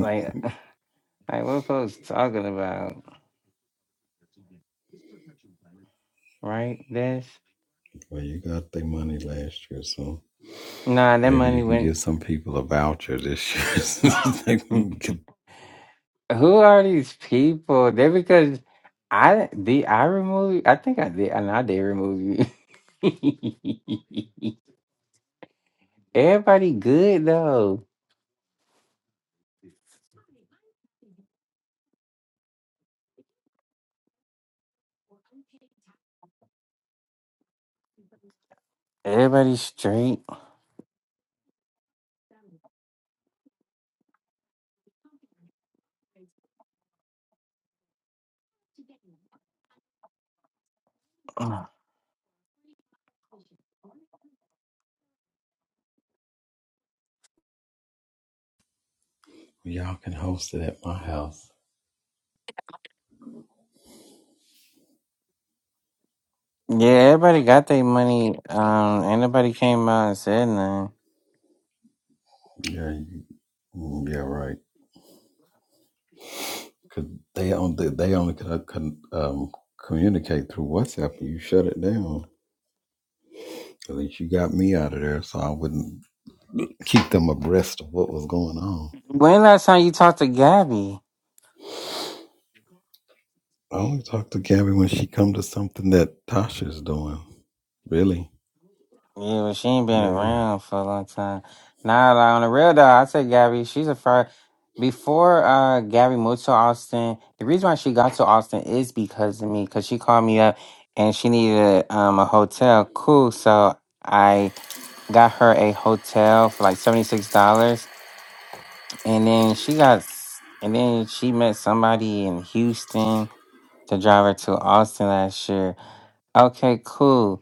Like, *laughs* like what folks talking about, right? That's
you got their money last year, so
nah. That
maybe
money
you can
went.
give some people a voucher this year. *laughs* They
*laughs* *coughs*
can get-
Who are these people? They because I did I remove you? I think I did and I did remove you. *laughs* Everybody good though. Everybody straight. Yeah,
Y'all can host it at my house.
everybody got their money. Um, anybody came out and said nothing.
Yeah, you Mm, Yeah, right. Cause they only they only could uh, um, communicate through WhatsApp. You shut it down. At least you got me out of there, so I wouldn't keep them abreast of what was going on.
When last time you talked to Gabby?
I only talk to Gabby when she come to something that Tasha's doing. Really?
Yeah, but she ain't been
Maybe. I,
around for a long time. Nah, like, on the real though, I said Gabby, she's a fire. Before uh Gabby moved to Austin, the reason why she got to Austin is because of me, because she called me up and she needed um a hotel. Cool, so I got her a hotel for like seventy six dollars, and then she got, s- and then she met somebody in Houston to drive her to Austin last year. Okay, cool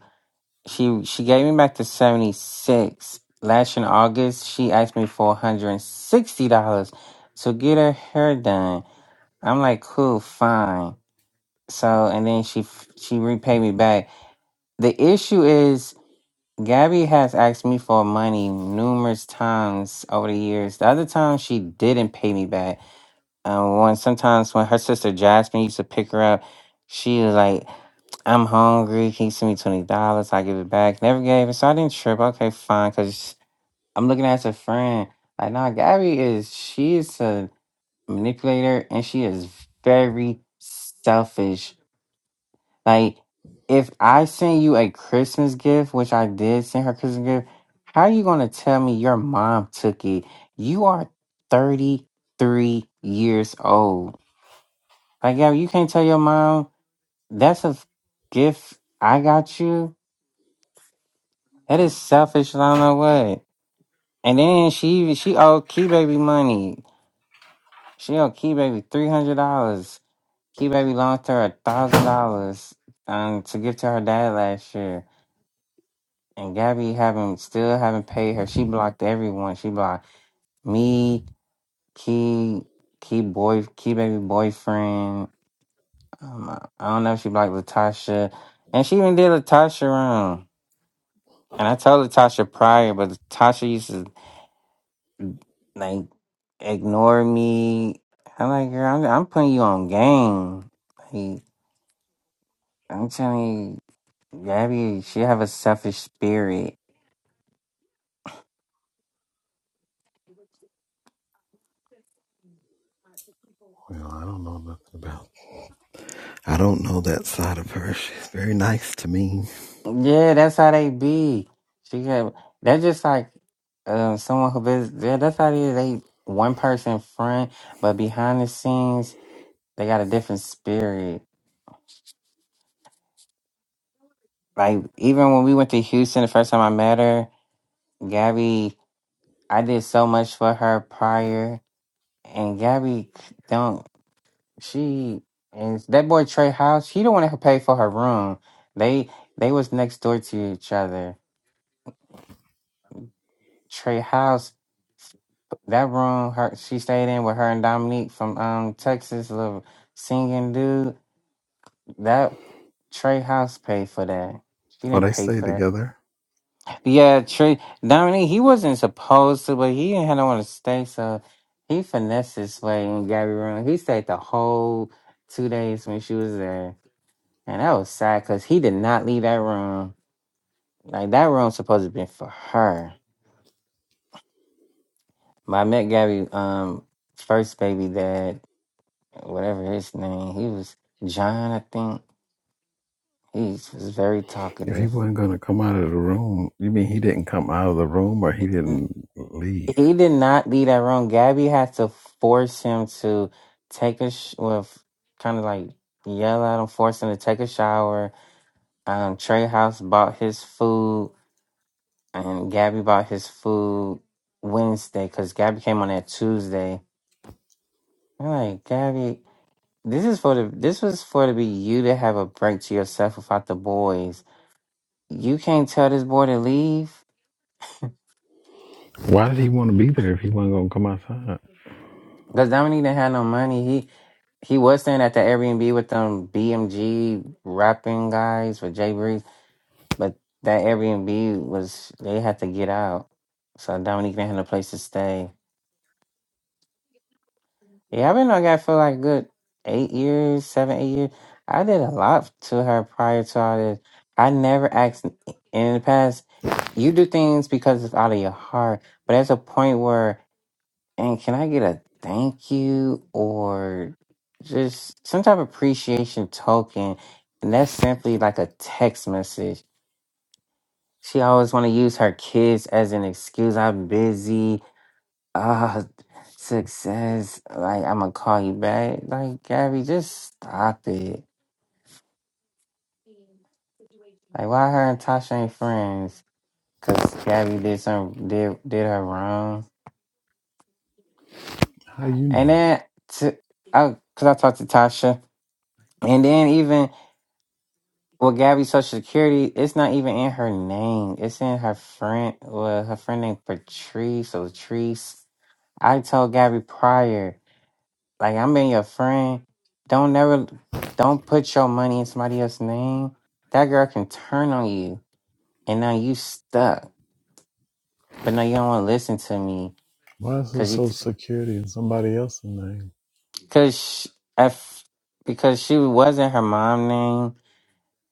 she she gave me back the 76 last year in august she asked me for $160 to get her hair done i'm like cool fine so and then she f- she repaid me back the issue is gabby has asked me for money numerous times over the years the other time she didn't pay me back um, when sometimes when her sister Jasmine used to pick her up, she was like, "I'm hungry. Can you send me twenty dollars? I give it back." Never gave it, so I didn't trip. Okay, fine, because I'm looking at her as a friend. Like, nah, Gabby is she is a manipulator, and she is very selfish. Like, if I send you a Christmas gift, which I did send her Christmas gift, how are you gonna tell me your mom took it? You are thirty three years old like, yo, you can't tell your mom that's a gift I got you. That is selfish. I don't know what. And then she she owed Key Baby money. She owed Key Baby three hundred dollars. Key Baby loaned her a thousand dollars um to give to her dad last year. And Gabby haven't still haven't paid her. She blocked everyone. She blocked me, Key, Key boy, Key Baby boyfriend. Um, I don't know if she blocked Latasha. And she even did Latasha wrong. And I told Tasha prior, but Tasha used to like ignore me. I'm like, girl, I'm, I'm putting you on game. Like, I'm telling you, Gabby, she have a selfish spirit.
well, I don't know nothing about. I don't know that side of her. She's very nice to me.
Yeah, that's how they be. She got they're just like uh, someone who visits. Yeah, that's how they they one person front, but behind the scenes they got a different spirit. Like even when we went to Houston the first time I met her, Gabby I did so much for her prior, and Gabby don't. She and that boy Trey House. He don't want to pay for her room. They they was next door to each other. Trey House, that room her she stayed in with her and Dominique from um Texas, little singing dude. That Trey House paid for that. She
Oh,
didn't
they
pay
stay
for that.
together.
Yeah, true. Dominique, he wasn't supposed to, but he didn't have no one to stay, so he finessed his way in Gabby room. He stayed the whole two days when she was there, and that was sad because he did not leave that room. Like that room supposed to be for her. But I met Gabby, um, first baby dad, whatever his name, he was John, I think. He was very
If he
talkative.
wasn't gonna come out of the room, you mean he didn't come out of the room or he didn't leave?
He did not leave that room. Gabby had to force him to take a sh- well, kind of like yell at him, force him to take a shower. Um, Trey House bought his food, and Gabby bought his food Wednesday because Gabby came on that Tuesday. I'm like, Gabby, this is for the this was for to be you to have a break to yourself without the boys. You can't tell this boy to leave.
Why did he want to be there if he wasn't gonna come outside?
Because Dominique didn't have no money. He he was staying at the Airbnb with them BMG rapping guys with Jay Breeze, but that Airbnb was they had to get out. So Dominique didn't have no place to stay. Yeah, I've been on that for like good eight years, seven, eight years. I did a lot to her prior to all this. I never asked in the past. You do things because it's out of your heart, but there's a point where And can I get a thank you or just some type of appreciation token? And that's simply like a text message. She always want to use her kids as an excuse. I'm busy. Uh, success. Like I'm gonna call you back. Like Gabby, just stop it. Like why her and Tasha ain't friends? Cause Gabby did some did did her wrong.
How you
And
know?
then to, I, cause I talked to Tasha. And then even Well, Gabby's social security, it's not even in her name. It's in her friend. Well, her friend named Patrice or Treese. I told Gabby prior, like I'm being your friend. Don't never, don't put your money in somebody else's name. That girl can turn on you, and now you stuck. But no, you don't want to listen to me
Why is it
because you,
social security in somebody else's name?
because if because she wasn't her mom name.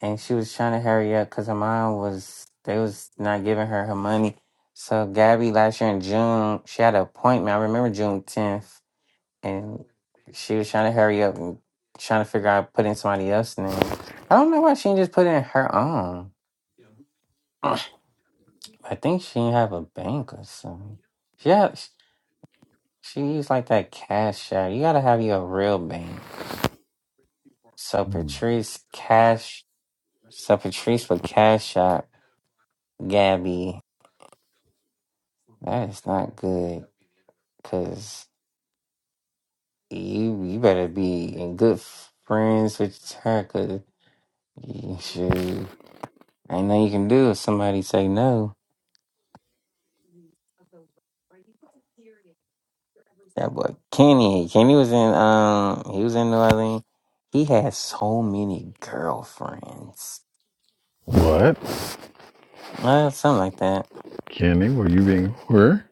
and she was trying to hurry up because her mom was they was not giving her her money. So Gabby last year in June, she had an appointment. I remember June tenth, and she was trying to hurry up and trying to figure out putting somebody else's name. I don't know why she didn't just put in her own. I think she didn't have a bank or something. Yeah, she, she used like that cash out. You gotta have your real bank. So
Hmm.
Patrice cash. So Patrice would cash out Gabby That's not good. Cause you you better be in good friends with her. Cause *laughs* you shoot, ain't nothing you can do if somebody say no. That boy Kenny, Kenny was in um he was in New Orleans. He had so many girlfriends,
What,
uh, something like that.
Kenny? Were you being a whore?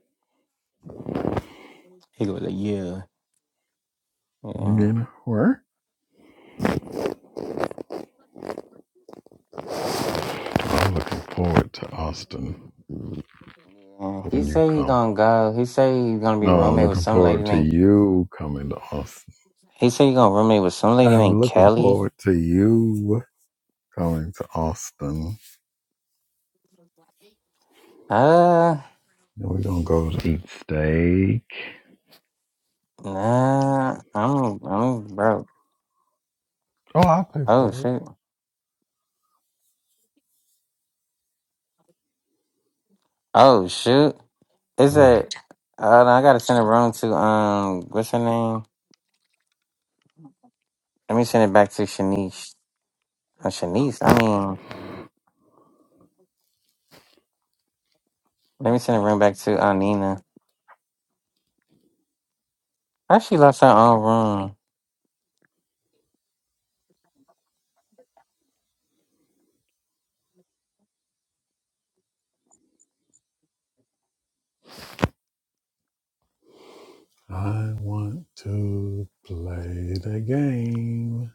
He was like, yeah,
You
yeah.
being a whore? I'm looking forward to Austin
Yeah, he
when you
say he
come.
gonna go. He say he gonna be
No, I'm
roommate with
looking
some lady
forward to
named.
you coming to Austin.
He say he gonna roommate with some lady
I'm
named
looking
Kelly.
forward to you coming to Austin.
Uh,
And we're gonna go to eat steak.
nah, I'm I'm broke.
Oh, I'll pay
Oh
for it.
shoot. Oh shoot. Is
Well.
it? Uh, I gotta send it wrong to um. What's her name? Let me send it back to Shanice. Uh, Shanice. I mean, let me send it room back to uh, Nina. How she lost her own room.
I want to play the game.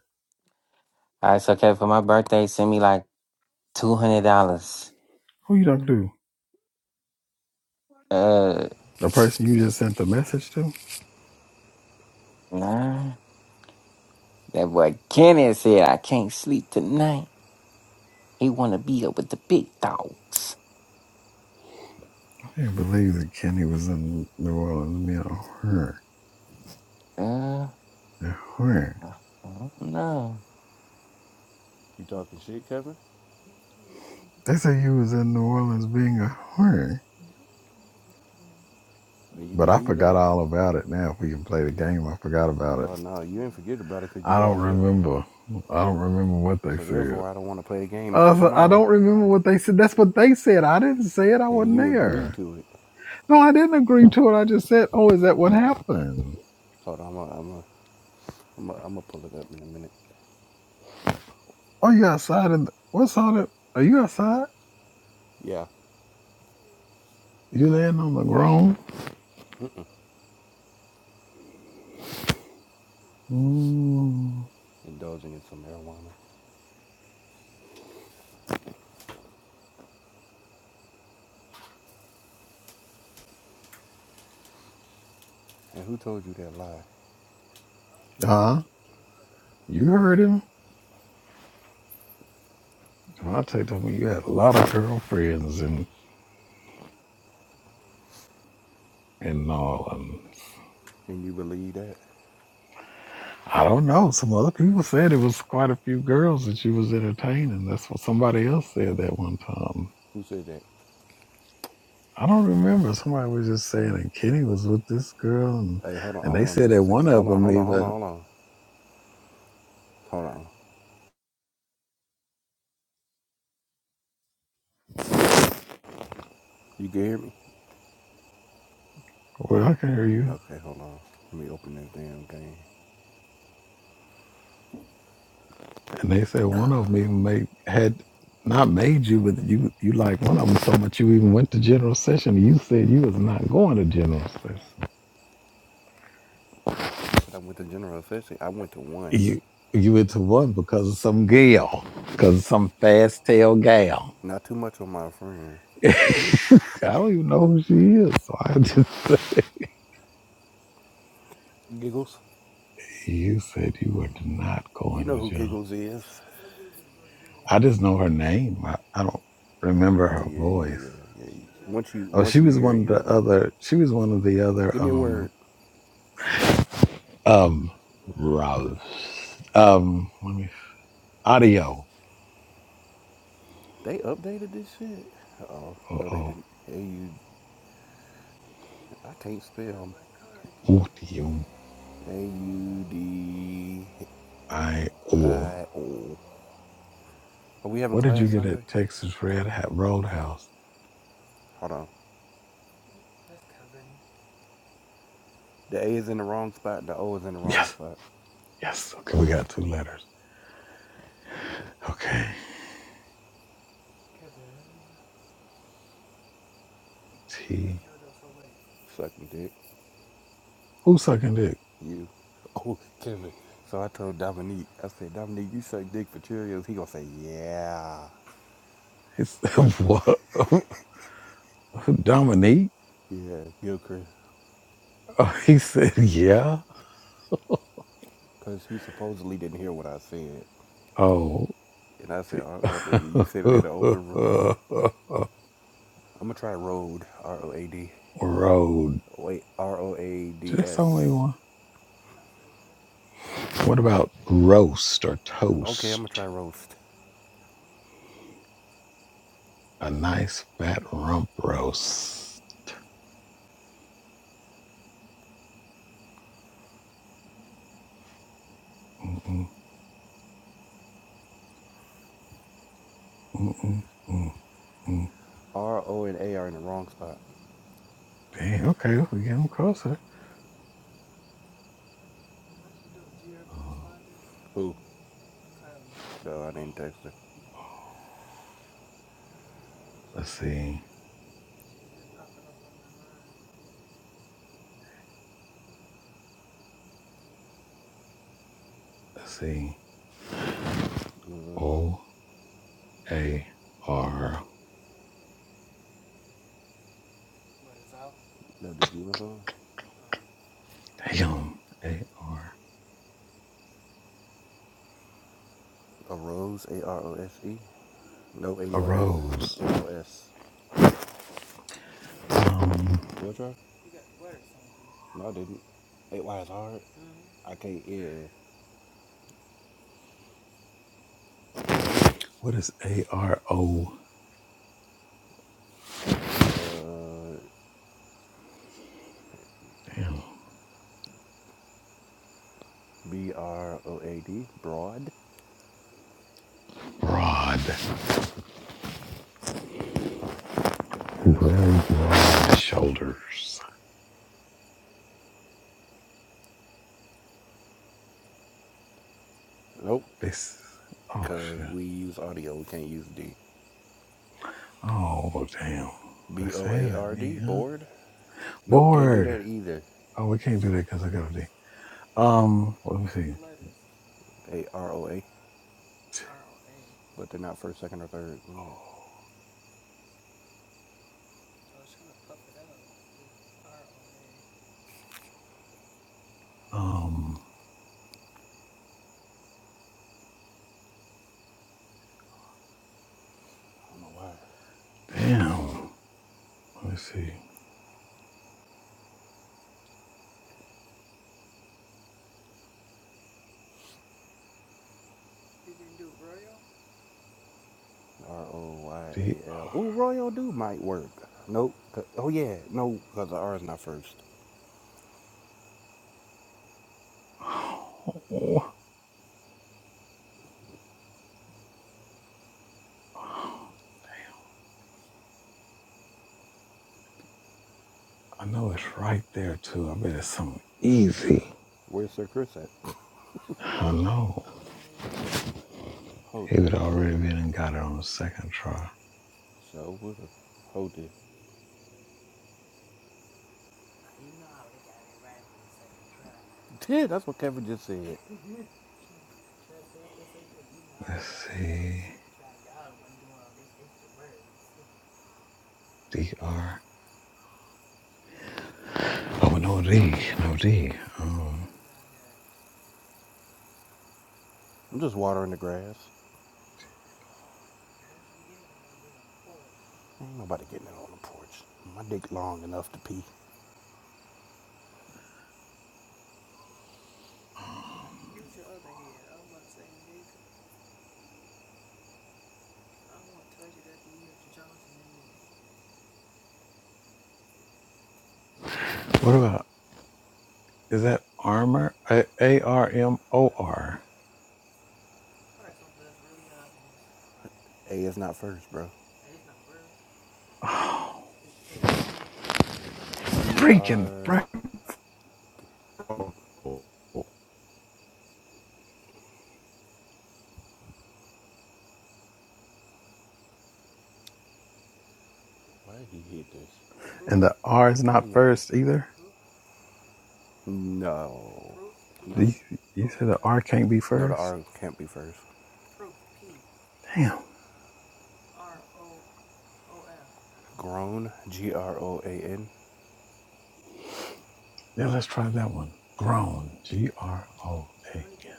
All right, so okay for my birthday, send me like two hundred dollars.
Who you talking to?
Uh,
The person you just sent the message to?
nah. That boy Kenneth said I can't sleep tonight. He wanna be up with the big dogs.
I can't believe that Kenny was in New Orleans being a horn.
Uh,
A horn.
I don't know.
You talking shit, Kevin?
They say you was in New Orleans being a horn.
And you
But I
believe
forgot
that?
all about it now. If we can play the game, I forgot about it.
Oh no, you ain't forget about it 'cause you
I don't
brought it up.
remember. I don't remember what they
So
said.
therefore, I don't want to play the game
I,
until
I
tomorrow.
don't remember what they said. That's what they said. I didn't say it. I
And
wasn't
you agreed
there.
to it.
No, I didn't agree to it. I just said, oh, is that what happened?
Hold on, I'm going I'm I'm I'm gonna pull it up in a minute.
Oh, you outside? In the, what's all that? Are you outside?
Yeah,
You laying on the ground? Ooh.
indulging in some marijuana. And who told you that lie?
Uh-huh. You heard him. Well, I take that when you had a lot of girlfriends and and all. And
And you believe that?
I don't know. Some other people said it was quite a few girls that you was entertaining. That's what somebody else said that one time.
Who said that?
I don't remember. Somebody was just saying, and Kenny was with this girl, and,
Hey, hold on,
and
hold
they
on,
said
just a
that one
second.
of
Hold on,
them
hold on, hold on,
even.
hold on, hold on. You can hear me?
Well, I can hear you.
Okay, hold on. Let me open this damn game.
And they said one of them even made had not made you, but you you like one of them so much you even went to general session. You said you was not going to general session.
You said I went to general assembly. I went to one.
You you went to one because of some gal, because of some fast tail gal.
Not too much on my friend.
*laughs* I don't even know who she is. So I just
Giggles.
*laughs* you said you were not
You
going
know
to
who
general.
Giggles is.
I just know her name. I, I don't remember
Oh
her
yeah, yeah,
voice.
yeah, yeah. Once you
Oh,
once
she
you
was
hear it,
one of
you
the
remember it.
other. She was one of the other.
Give me a
Um,
word.
Um, Rouse. Um, let me. Audio.
They updated this shit. Oh
Uh
no, they
oh.
didn't. A U. I can't spell.
Audio.
A U D
I. Oh.
I O. Are we having
What did you
class
get at
Sunday?
Texas Red Hat Roadhouse?
Hold on. The A is in the wrong spot. The O is in the wrong
Yes.
spot.
Yes. Okay. We got two letters. Okay. T.
Suck my dick.
Who sucking dick?
You. *laughs* Oh, Kevin. So I told Dominique. I said, Dominique, you suck dick for Cheerios. He gonna say, yeah.
It's *laughs* what? Dominique.
Yeah, Eucharist.
Oh, *laughs* he said, yeah.
Because he supposedly didn't hear what I said.
Oh.
And I
T.
said, I'm not thinking,
*laughs*
you said it in the open room. I'm going to try Road, R O A D.
Road.
Wait, R O A D
Just only
S.
one. What about roast or
Okay, I'm going to
toast?
try Roast.
A nice fat rump roast. Mm-mm, mm-mm, mm-mm.
R O and A are in the wrong spot.
Dang, okay, we get them closer. Uh,
Who? No, I didn't text her.
let's see. Let's see. O A R.
No, did you know
Damn. A R.
A Rose, A R O S E? No, ain't
A
no S.
rose.
Ain't no S.
Um,
What, y'all? No, I didn't. Hey, why it's hard? I can't, yeah.
what is A R O?
Uh,
Damn.
B R O A D, broad.
Broad.
Let's see.
Very broad shoulders.
Nope,
This. Oh,
because
shit.
we use audio. We can't use D.
Oh, damn.
B
Let's
O
say
A
that,
R
me,
D,
huh?
board. Nope, can't do
Bored.
that either.
Oh, we can't do that because I got a D. Um, let me see.
A R O A, but they're not first, second, or third. Mm,
Um,
I don't know why. This one's harder.
damn. Let me see.
R O Y
D.
A L. Ooh, Royal Do might work. Nope. Oh, yeah. No, because the R is not first.
Oh, I know it's right there too. I bet it's something easy.
Where's Sir Chris at? *laughs*
I know.
Hold
He
it.
would already been and got it on the second try.
So, would Hold it. *laughs* Yeah, that's what Kevin just said.
Let's see. D R. Oh, no D. No D. Um,
I'm just watering the grass. Ain't nobody getting it on the porch. My dick long enough to pee.
um, what about, is that armor? A R M O R.
Hey, it's not first, bro.
Oh, freaking
R.
Frank.
Why did he hit this?
And the R is
Why did
not
you do? this?
first either.
No.
Do you, you said the R can't be
No, the
first?
R can't be first.
Damn.
Grown. G R O A N.
Yeah, let's try that one. Grown. G R O A N.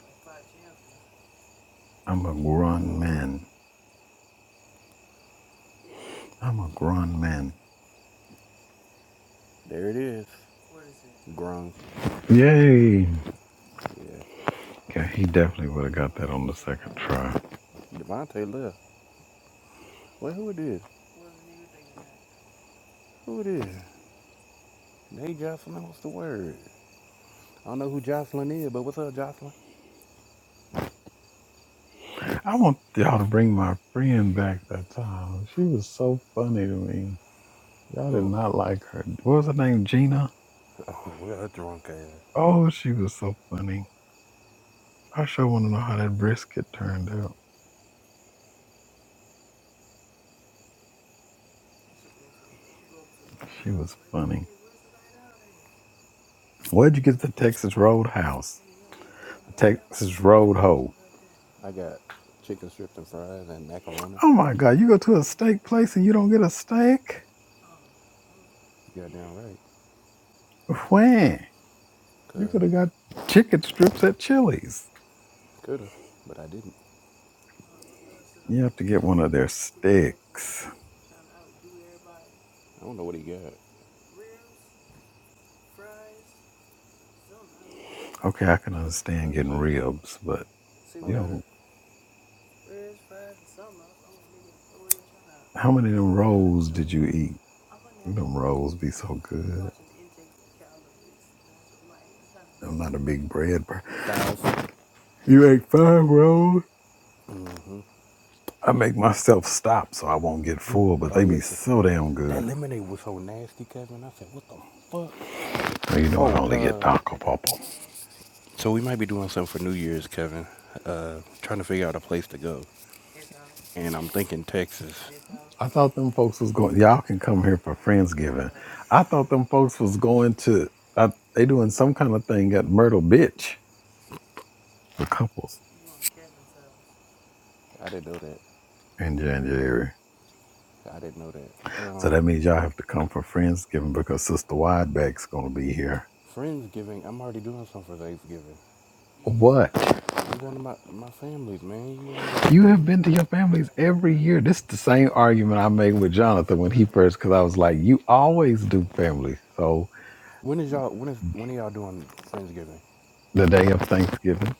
I'm a grown
Oh,
man. I'm a grown man.
there it is. Grown.
Yay.
Yeah.
Yeah, he definitely would have got that on the second try.
Devontae left. Wait, who it is? Who it is? Hey, Jocelyn, what's the word? I don't know who Jocelyn is, but what's up, Jocelyn?
I want y'all to bring my friend back that time. She was so funny to me. Y'all did
Who?
not like her. What was her name? Gina?
Oh, *laughs* well, that drunk ass.
Oh, she was so funny. I sure want to know how that brisket turned out. She was funny. Where'd you get the Texas Roadhouse? The Texas Road Ho.
I got chicken strips and fries and macaroni.
Oh my God, you go to a steak place and you don't get a steak?
You got damn right.
When? You
Could,
could have got chicken strips at Chili's.
coulda, but I didn't.
You have to get one of their sticks.
I don't know what he got.
Okay, I can understand
Let me
getting
see
ribs, but you
it.
know, how many of them rolls did you eat? Them rolls be so good. I'm not a big bread person.
Five.
You ate five rolls?
Mm-hmm.
I make myself stop so I won't get full, but
Oh
they be
yes.
so damn good.
That lemonade was so nasty, Kevin. I said, what the fuck?
Well, you know I
Oh,
only get
uh.
Taco Bubble.
So we might be doing something for New Year's, Kevin. Uh, trying to figure out a place to go, and I'm thinking Texas.
I thought them folks was going. Y'all can come here for Friendsgiving. I thought them folks was going to. Uh, they doing some kind of thing at Myrtle Beach for couples
I didn't know that.
in January.
I didn't know that.
So
Um,
that means y'all have to come for Friendsgiving because Sister Wideback's going to be here.
Friendsgiving. I'm already doing something for Thanksgiving.
What?
I'm going to my my family's man. You already
You
done.
have been to your families every year. This is the same argument I made with Jonathan when he first, because I was like, you always do family. So
When is y'all? When is when are y'all doing Friendsgiving?
the day of Thanksgiving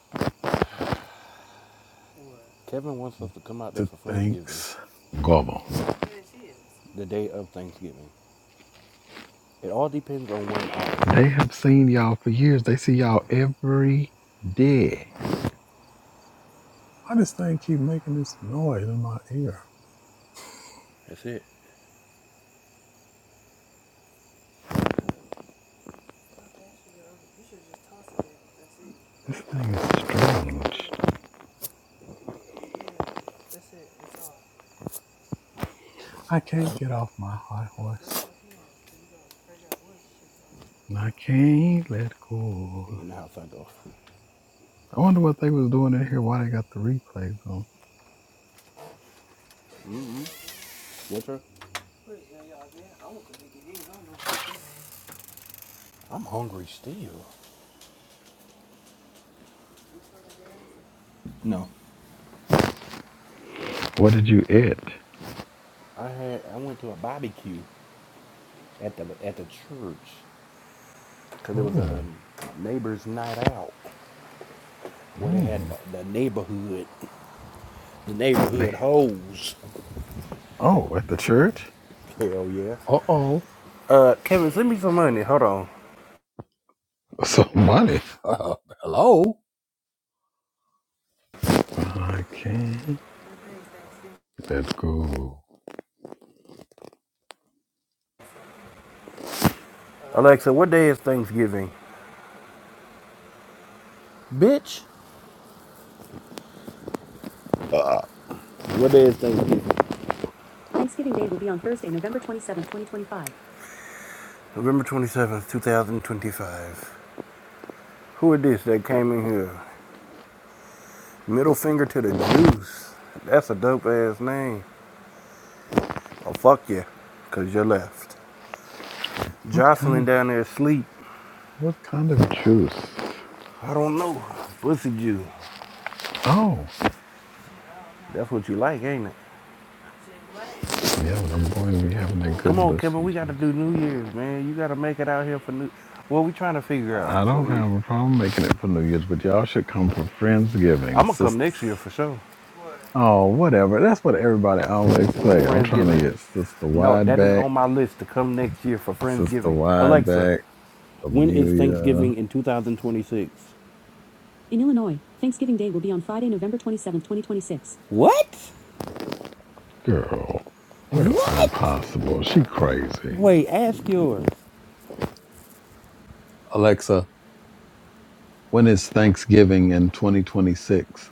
Kevin wants us to come out there
to
for Friendsgiving,
Thanksgiving.
the day of Thanksgiving. It all depends on when ours
They
is.
have seen y'all for years. They see y'all every day. Why does thing keep making this noise in my ear?
That's it.
This thing is strange. I can't get off my high horse. I can't let go.
You know how things go.
I wonder what they was doing in here. Why they got the replays on?
Mm-hmm. Winter. I'm hungry still. No,
What did you eat?
I had I went to a barbecue at the at the church because it was a
Oh,
neighbor's night out where they had the,
oh,
the neighborhood the neighborhood
They
hoes.
oh at the church.
Hell yeah.
uh oh.
Uh, Kevin, send me some money. Hold on.
Somebody. *laughs* hello. I can't let go.
Alexa, what day is Thanksgiving? Bitch. What day is Thanksgiving? Thanksgiving Day will be on Thursday, November twenty-seventh, twenty seventh, 2025. November 27th, 2025. Who it is that came in here? Middle finger to the Jews. That's a dope ass name. Well, fuck you, because you left.
What kind of
Jocelyn down there asleep.
What kind of juice?
I don't know. Pussy Jew.
Oh,
That's what you like, ain't it?
yeah, them boys be having that
Come
good
on, Kevin.
bussy
We got to
juice.
do New Year's, man. You got to make it out here for New. What we trying to figure out.
I
So
don't
if...
have a problem making it for New Year's, but y'all should come for Friendsgiving,
I'm going to come next year
sisters.
for sure.
Oh, whatever. That's what everybody always say. I'm trying
Friendsgiving.
to get Sister
No,
wideback,
that is on my list to come next year for
Sister
Friendsgiving.
wideback,
Alexa, When is
Amelia.
Thanksgiving in 2026? In Illinois, Thanksgiving Day will be on Friday, November 27, 2026. What?
Girl, that's
What?
impossible. She crazy.
Wait, ask yours.
Alexa, when is Thanksgiving in 2026?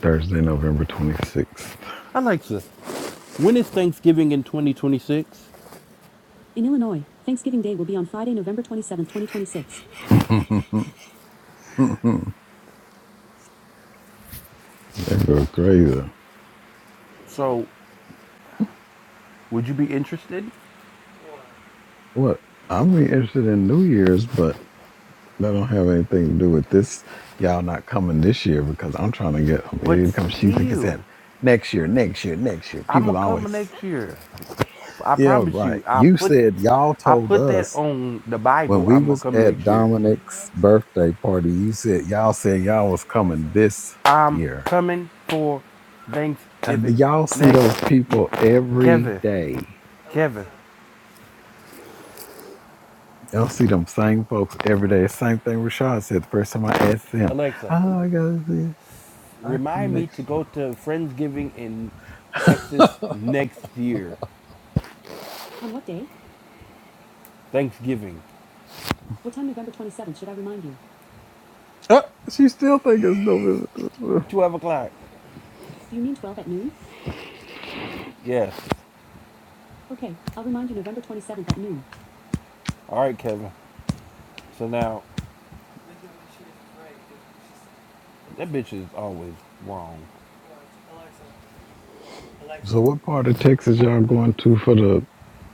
Thursday, November 26th.
Alexa, when is Thanksgiving in 2026? In Illinois, Thanksgiving Day will be on Friday, November 27, 2026.
*laughs* That go crazy.
So, would you be interested?
What? I'm be interested in New Year's, but that don't have anything to do with this. Y'all not coming this year because I'm trying to get.
But
Here it comes. She think it's
still,
in next year, next year, next year.
I'm
People
gonna come
always.
next year. I
Yeah,
promise
right.
you. I
You
put
said y'all
I
told
put that
us
on the
when
Bible.
we
I'm gonna
was
come
at
next year.
Dominic's birthday party. You said y'all said y'all was coming this
I'm
year,
coming for Thanksgiving
and y'all see
next
those
year.
people every
Kevin,
day.
Kevin,
Y'all see them same folks every day. Same thing Rashad said the first time I asked him.
Alexa,
Oh, I gotta see. I come
remind me
next
to
year.
go to Friendsgiving in Texas next year. On what day? Thanksgiving, What time November 27th should I remind you?
Oh, she still think it's November.
12 o'clock. Do you mean 12 at noon? Yes. Okay, I'll remind you November 27th at noon. All right, Kevin. So now, that bitch is always wrong.
So, what part of Texas y'all going to for the?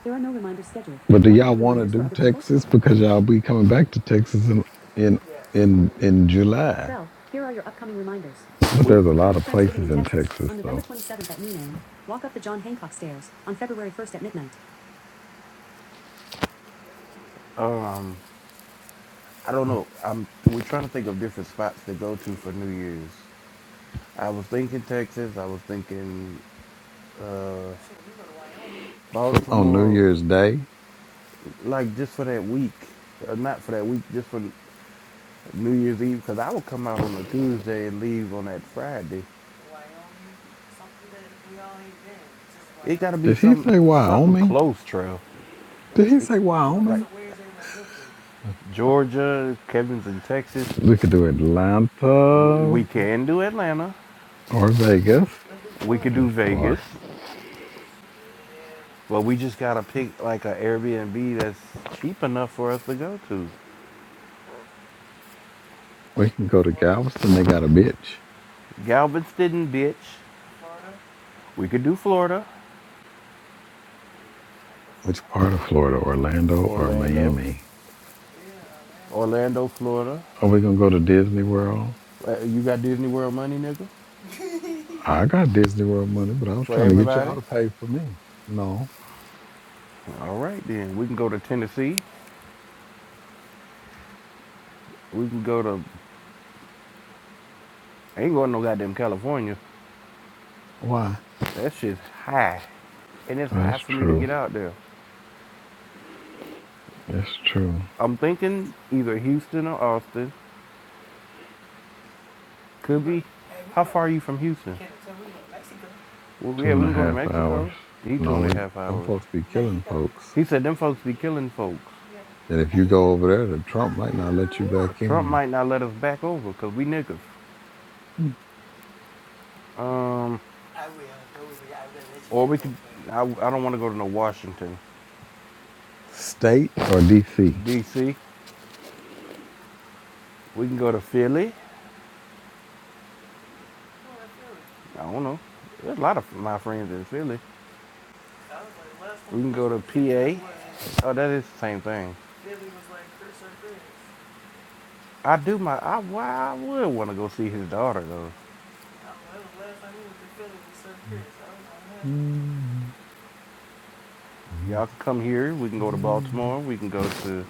There are no reminders scheduled.
But
Do you
do
want to
y'all
hear
want to
reminders for
do
other people?
Texas because y'all be coming back to Texas in in in in July?
Trell, here are your upcoming reminders. For Ken,
But
We-
there's a
go
lot
to
of
Friendsgiving in
places in
Texas
Texas
on November
though.
27th at noon Walk up the John Hancock stairs on February 1st at midnight. Um, I don't know. I'm we're trying to think of different spots to go to for New Year's. I was thinking Texas. I was thinking
On New
Baltimore,
Year's Day,
like just for that week, uh, not for that week, just for New Year's Eve. Because I would come out on a Tuesday and leave on that Friday. Got to be
did he
some
say
something
Wyoming?
close, trail.
Did he say Wyoming?
Georgia, Kevin's in Texas.
We could do Atlanta
We
or
can do Atlanta.
Vegas.
We could do
That's
Vegas.
far.
But we just gotta pick like an Airbnb that's cheap enough for us to go to.
We can go to Galveston. They got a beach.
Galveston, bitch. We could do Florida,
Which part of Florida? Orlando or
Orlando,
Miami?
Orlando, Florida.
Are we gonna go to Disney World?
Uh, You got Disney World money, nigga,
I got Disney World money, but I was
for
trying to get y'all
everybody.
to pay for me. No.
All right, then we can go to Tennessee. We can go to. I ain't going to no goddamn California.
Why?
That shit's high, and it's high
That's
for me to
true.
get out there.
That's true.
I'm thinking either Houston or Austin. Could be far are you from Houston? Well,
Two
yeah, we
and a
can go to
half
Mexico.
hours.
He two
No,
and a
we
half
them
hours.
folks be killing folks.
He said them folks be killing folks.
That if you go over there, the Trump might not let you back
Trump
in.
might not let us back over because we niggas. Um, I, I don't want to go to no Washington,
State or DC?
D.C. We can go to Philly. I don't know. There's a lot of my friends in Philly. Oh, that is the same thing. I do my. I, I would want to go see his daughter though. Y'all can come here. We can go to Baltimore. We can go to.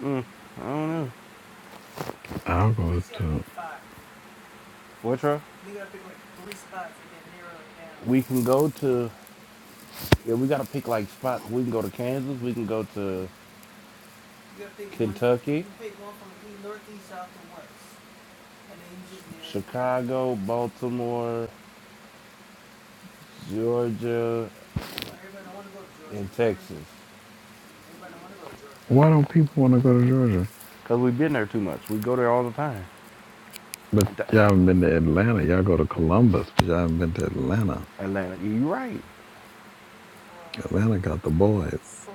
Mm, I don't know.
I'll go to.
What, Trump? We can go to Yeah, we gotta pick like spots. We can go to Kansas. We can go to Chicago, Baltimore, Georgia.
Why don't people want to go to Georgia?
Cause we've been there too much. We go there all the time.
But y'all haven't been to Atlanta. Y'all go to Columbus, but y'all haven't been to Atlanta.
Atlanta. You're right.
Atlanta got the boys.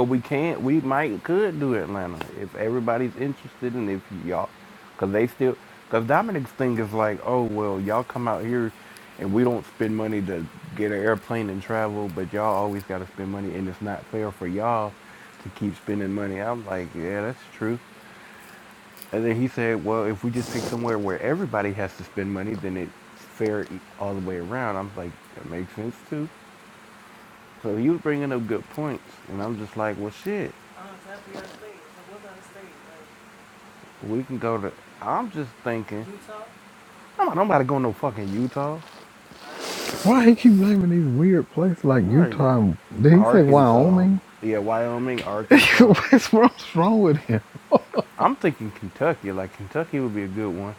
But we can't. We might could do Atlanta if everybody's interested and if y'all, cause they still. Cause Dominic's thing is like, oh well, y'all come out here, and we don't spend money to get an airplane and travel, but y'all always gotta spend money, and it's not fair for y'all to keep spending money. I'm like, yeah, that's true. And then he said, well, if we just pick somewhere where everybody has to spend money, then it's fair e- all the way around. I'm like, that makes sense too. So he was bringing up good points. And I'm just like, well, shit, we can go to, I'm just thinking, I'm not, nobody going to no fucking Utah.
Why he keep naming these weird places like
Right.
Utah? and- Did he say Wyoming?
Yeah, Wyoming,
*laughs*
Arkansas.
What's wrong what's wrong with him?
I'm thinking Kentucky. Like, Kentucky would be a good one.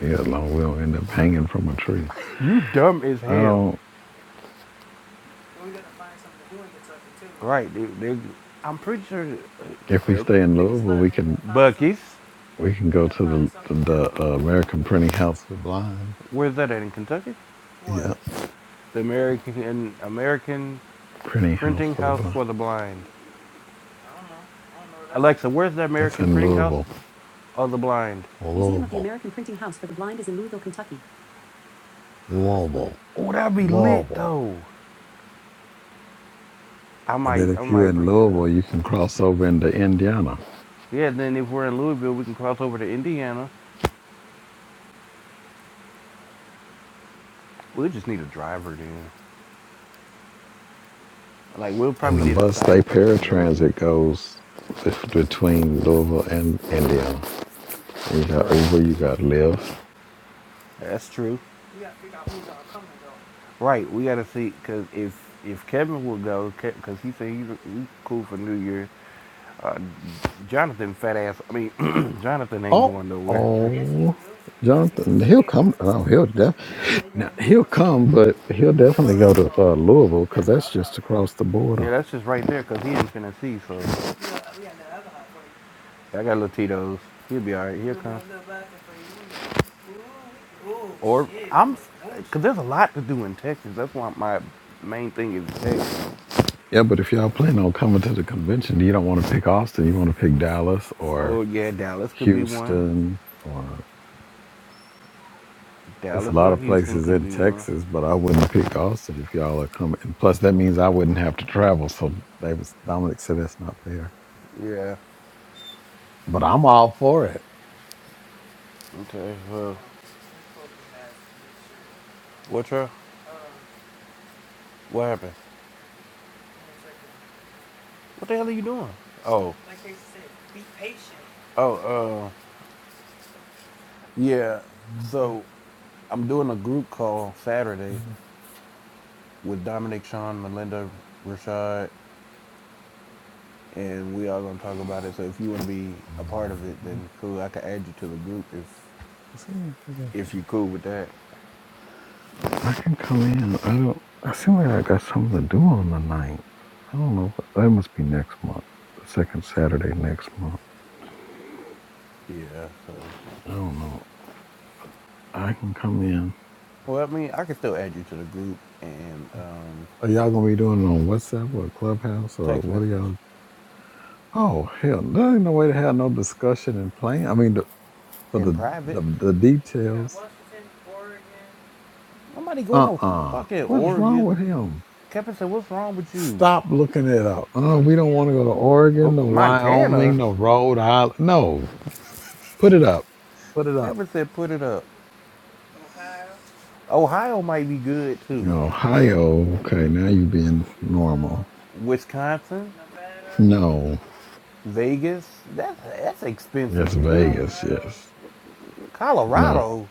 Yeah, as long as we don't end up hanging from a tree.
You dumb as
I
hell.
don't.
Right. They, they, I'm pretty sure.
If
uh,
we
Air
stay in Louisville, we can
Force?
we can go to the the uh, American Printing House for the Blind.
Where's that at in Kentucky?
Yeah,
The American American
Printing House
Printing
for the
House
Blind.
for the Blind. Alexa, where's the
That's
American
in
Printing House
Louisville.
of the Blind? Museum of the
Louisville.
American Printing House for the Blind is in Louisville, Kentucky. Oh,
Louisville.
oh, that'd be lit
Louisville.
though. I might,
that
I
if
might
you're in
bring that up.
Louisville, you can cross over into Indiana.
Yeah, then if we're in Louisville, we can cross over to Indiana. We'll just need a driver then. Like we'll
And
probably
the
need a
bus they
sighted person to go with us.
paratransit goes between Louisville and Indiana. You got
Right,
Uber, you got Lyft.
that's true. Right, we gotta see because if if Kevin will go, because he said he's, he's cool for New Year's, Jonathan fat ass. I mean, *clears throat* Jonathan ain't
Oh,
going nowhere.
oh, Jonathan, he'll come. Oh, he'll def- now he'll come, but he'll definitely go to uh, Louisville because that's just across the
Yeah,
border.
that's just right there because he in Tennessee. So I got Latinos. He'll be all right here. Cause there's a lot to do in Texas. That's why my main thing is Texas.
Yeah, but if y'all plan on coming to the convention, you don't want to pick Austin. You want to pick Dallas
Oh
or
yeah, Dallas could be one.
Houston or. It's a
Dallas
lot
or
of
Houston
places
could
in
be one.
Texas, but I wouldn't pick Austin if y'all are coming. And plus, that means I wouldn't have to travel. So they was Dominic said that's not fair.
Yeah.
But I'm all for it.
Okay. Well, what's up? What happened? What the hell are you doing? Oh. Oh. Uh. Yeah. So I'm doing a group call
It
Saturday with Dominic, Sean, Melinda, Rashad. and we all going to talk about it. So if you want to be a part of it, then cool. I can add you to the group if
seems like I got
if you
some.
cool with that.
I can come in. I don't. I seem like I got something to do on the ninth. I don't know. what- That must be next month, the second Saturday next month.
Yeah. So,
I don't know. I can come in.
well, I mean, I can still add you to the group and um,
Are y'all gonna be doing it on WhatsApp or Clubhouse or
text
what are
message
y'all Oh hell, there ain't no way to have no discussion and plan. I mean, the, for
in
the,
private.
the the details.
Nobody going
Uh
no
uh
fucking
What is wrong
Oregon.
with him?
Kevin said, "What's wrong with you?"
Stop looking it up. Uh, we don't want to go to
Ho-
Oregon, to
Montana.
Wyoming, to Rhode Island. No, put it up. Put it up.
Kevin said, "Put it up." Ohio might be good too.
Ohio. Okay, now you being normal.
Wisconsin,
No,
Vegas. That's that's
yes,
expensive too.
Vegas. Yes. No.
Colorado.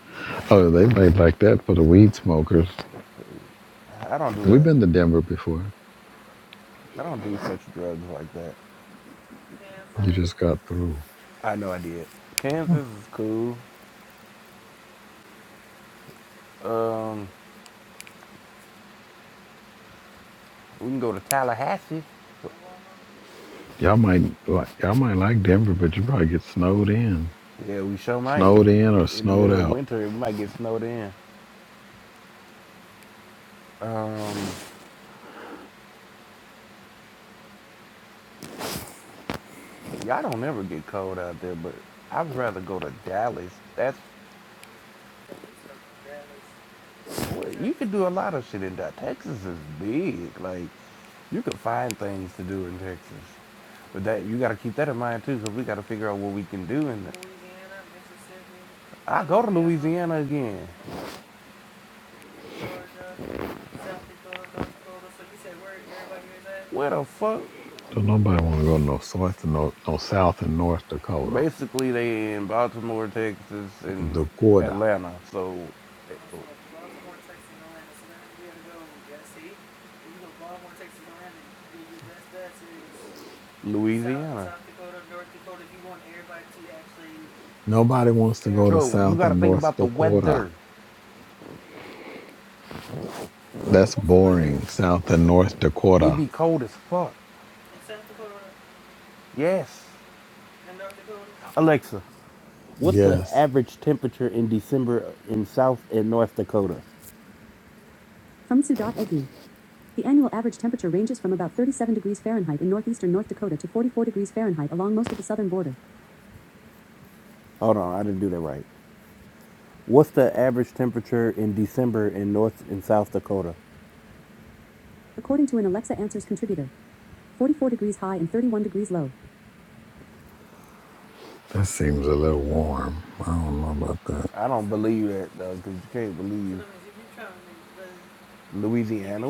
Oh, they made like that for the weed smokers.
I don't do
We've
that.
been to Denver before.
I don't do such drugs like that.
You just got through.
I know I did. Kansas is cool. Um, we can go to Tallahassee.
Y'all might like y'all might like Denver, but you probably get snowed in,
Yeah, we sure might.
snowed in or
In the
snowed
middle of
out.
winter, we might get snowed in. Um, y'all don't ever get cold out there, but I'd rather go to Dallas. That's well, you could do a lot of shit in Dallas. Texas is big. Like you could find things to do in Texas, but that you got to keep that in mind too, because we got to figure out what we can do. And I go to Louisiana again. Where the fuck?
Don't nobody want to go to no south and no, no south and North Dakota,
Basically, they in Baltimore, Texas, and
Dakota.
Atlanta. So, Louis,
Nobody wants to go to
you
South
got to
and
think
North
about the
Dakota.
weather.
That's boring. South and North
It
Dakota.
be cold as fuck. Yes. Alexa, what's the
Yes,
average temperature in December in South and North Dakota? From Sioux.edu. The annual average temperature ranges from about 37 degrees Fahrenheit in northeastern North Dakota to 44 degrees Fahrenheit along most of the southern border. Hold on, I didn't do that right. What's the average temperature in December in North and South Dakota? According to an Alexa Answers contributor, 44 degrees high and 31 degrees low.
that seems a little warm. I don't know about that.
I don't believe that though, because you can't believe Louisiana,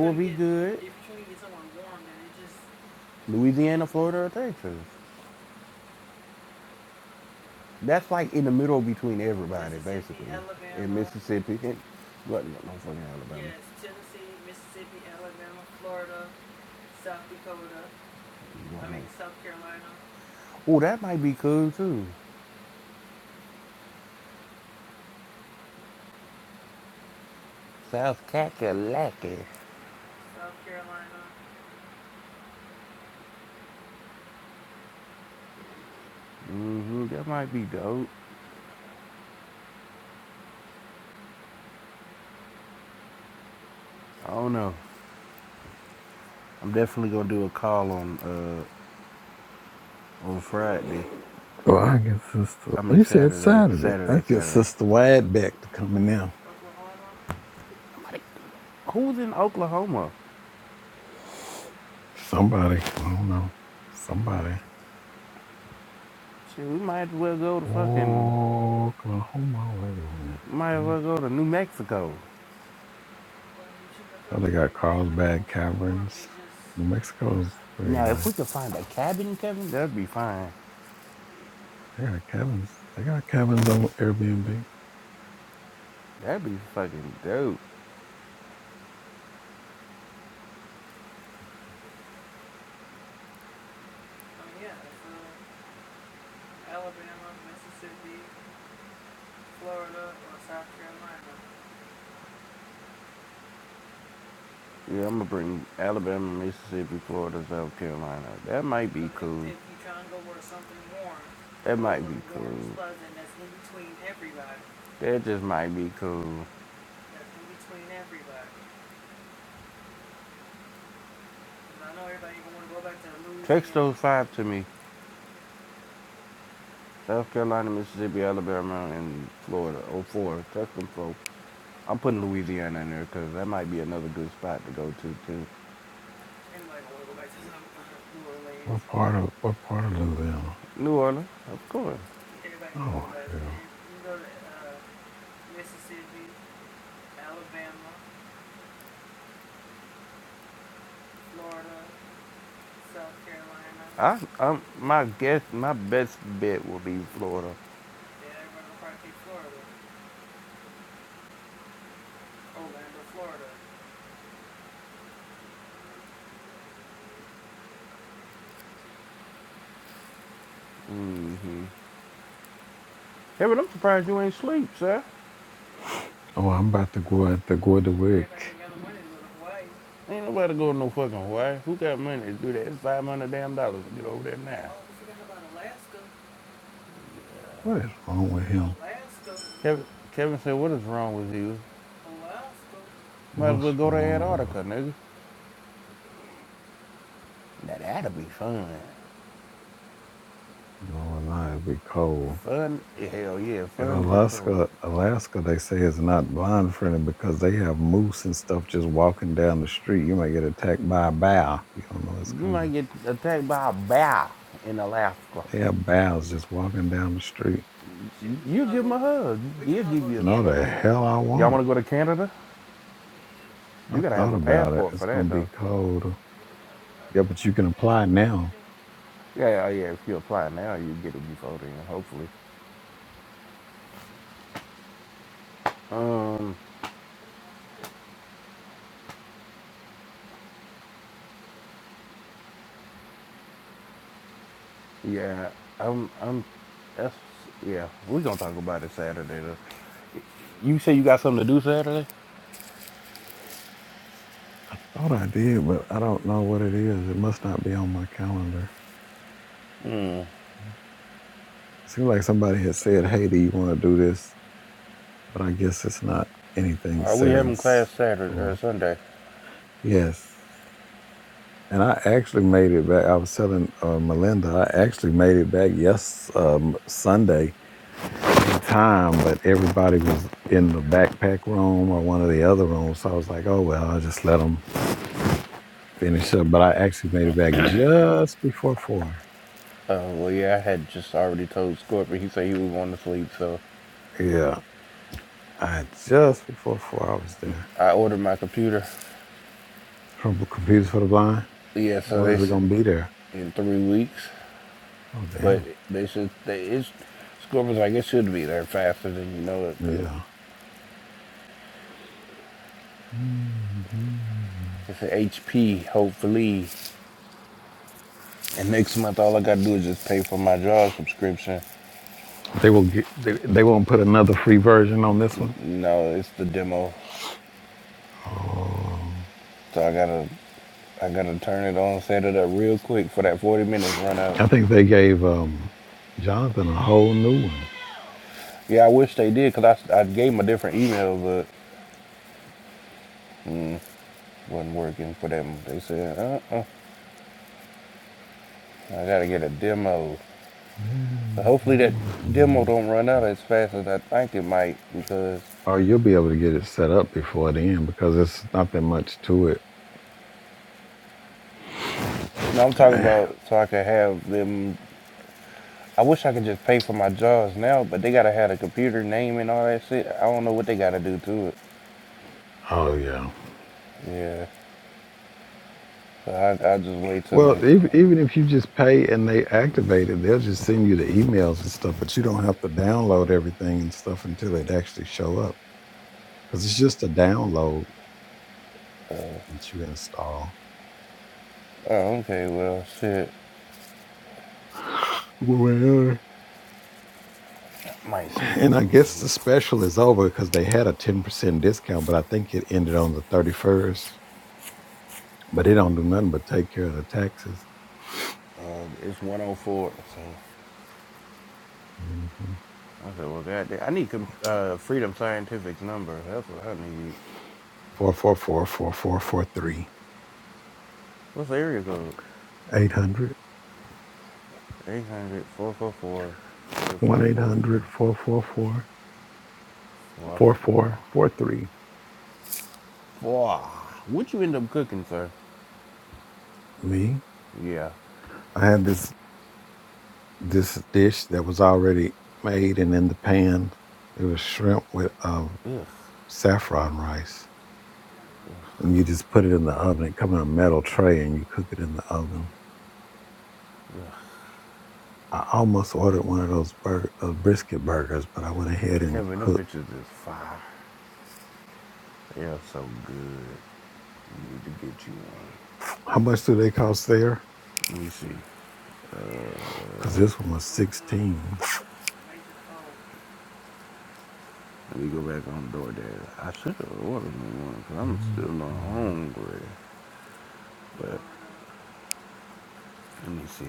Louisiana, Florida, or Texas. That's like in the middle between everybody. Mississippi, what? No, no fucking Alabama. Oh, that might be cool too. South Kakalaki. hmm That might be dope. I don't know. I'm definitely gonna do a call on uh on Friday.
Well, I get Sister.
I mean
You said
Saturday,
Saturday. I
Saturday,
get
Saturday.
Sister Wadbeck to come in. there.
Somebody- Who's in Oklahoma?
Somebody. I don't know. Somebody.
Shit, we might as well go to fucking,
Oklahoma, where the wind
might as well go to New Mexico.
Oh, they got Carlsbad Caverns. New Mexico's pretty
Now, if
nice.
we could find a cabin, Kevin, that'd be fine.
They got cabins. They got cabins on Airbnb.
That'd be fucking dope. Yeah, I'm gonna bring Alabama, Mississippi, Florida, South Carolina. That might that, that just might be cool. Five to me. South Carolina, Mississippi, Alabama, and Florida. Oh, four. That's them four. I'm putting Louisiana in there because that might be another good spot to go to too.
What part of what part of Louisiana?
New Orleans, of course.
Oh hell.
I, i my guess, my best bet will be Florida. Mm-hmm. Hey, but I'm surprised you ain't sleep, sir.
Oh, I'm about to go out to go to work.
Ain't nobody go to no fucking Hawaii. Who got money to do that? It's five hundred damn dollars to get over there now.
What is wrong with him?
Kevin, Kevin said, "What is wrong with you? Might as
What's
well go to
wrong with
Antarctica,
him?
nigga. Now that'll be fun.
No, and I be cold.
Fun, hell yeah,
In
fun but cold.
Alaska, Alaska, they say is not blind friendly because they have moose and stuff just walking down the street. You might get attacked by a bear. You don't know it's
You
coming.
might get attacked by a bear in Alaska.
They have bears just walking down the street.
You, you give him a hug.
No, the hell I
Y'all
won't.
want to go to Canada? You
I
gotta have
thought
a
about it.
passport
It's
for that,
gonna
though.
be cold. Yeah, but you can apply now.
Yeah, yeah. yeah, If you apply now, you get it before then, hopefully. Um. Yeah, I'm. I'm. That's. Yeah, we're gonna talk about it Saturday. Though. You say you got something to do Saturday?
I thought I did, but I don't know what it is. It must not be on my calendar. It seemed like somebody had said, "Hey, do you want to do this?" But I guess it's not anything
Are we
set in
having class Saturday or
stone.
Sunday?
Yes. And I actually made it back. I was telling uh, Melinda, I actually made it back yes um, Sunday in time, but everybody was in the backpack room or one of the other rooms. So I was like, oh well, I'll just let them finish up. But I actually made it back just before four.
Uh, well, yeah, I had just already told Scorpion. He said he was going to sleep, so
Yeah, I just before four I was there.
I ordered my computer.
From Computers for the Blind.
Yeah, so
When
they
is it
said
gonna be there?
in three weeks,
Oh
but
damn.
they said they it's Scorpion's like it should be there faster than you know it. 'Cause
Yeah. Mhm.
it's an HP, hopefully, and next month all I gotta do is just pay for my job subscription,
They will get. They, they won't put another free version on this
N-
one.
No, it's the demo.
Oh.
So I gotta I gotta turn it on, set it up real quick for that 40 minutes run out.
I think they gave um, Jonathan a whole new one.
Yeah, I wish they did because I, s- I gave them a different email, but wasn't working for them. They said, uh-uh, I gotta get a demo. So hopefully that demo don't run out as fast as I think it might because
Or you'll be able to get it set up before the end because it's not that much to it.
no, I'm talking
*sighs*
about so I could have them. I wish I could just pay for my jobs now, but they gotta have a computer name and all that shit. I don't know what they gotta do to it.
Oh yeah.
Yeah, so I, I just wait till
Well,
next
if,
month.
even if you just pay and they activate it, they'll just send you the emails and stuff, but you don't have to download everything and stuff until it actually show up because it's just a download that you install.
Oh, okay. Well, shit.
Well,
Might still
And I guess
be.
the special is over because they had a 10% discount, but I think it ended on the 31st. But they don't do nothing but take care of the taxes.
Um, it's 104. So
Mm-hmm.
I said, well, goddamn. I need com- uh, Freedom Scientific's number. That's what I need.
Four four four four four four three
What's the area code?
eight hundred
800 444
one eight
4443.
hundred four four four
Wah,
four
wah,
four four three.
wah. What you end up cooking, sir?
Me,
Yeah.
I had this this dish that was already made and in the pan. It was shrimp with um,
Ugh.
saffron rice. And you just put it in the oven. It come in a metal tray and you cook it in the oven. I almost ordered one of those burger, those brisket burgers, but I went ahead and
Kevin, them
cooked.
bitches is fire. They are so good. You need to get you one.
How much do they cost there?
Let me see.
Because this one was 16
Let me go back on DoorDash. I should have ordered me one because I'm still not
Mhm.
hungry. But let me see.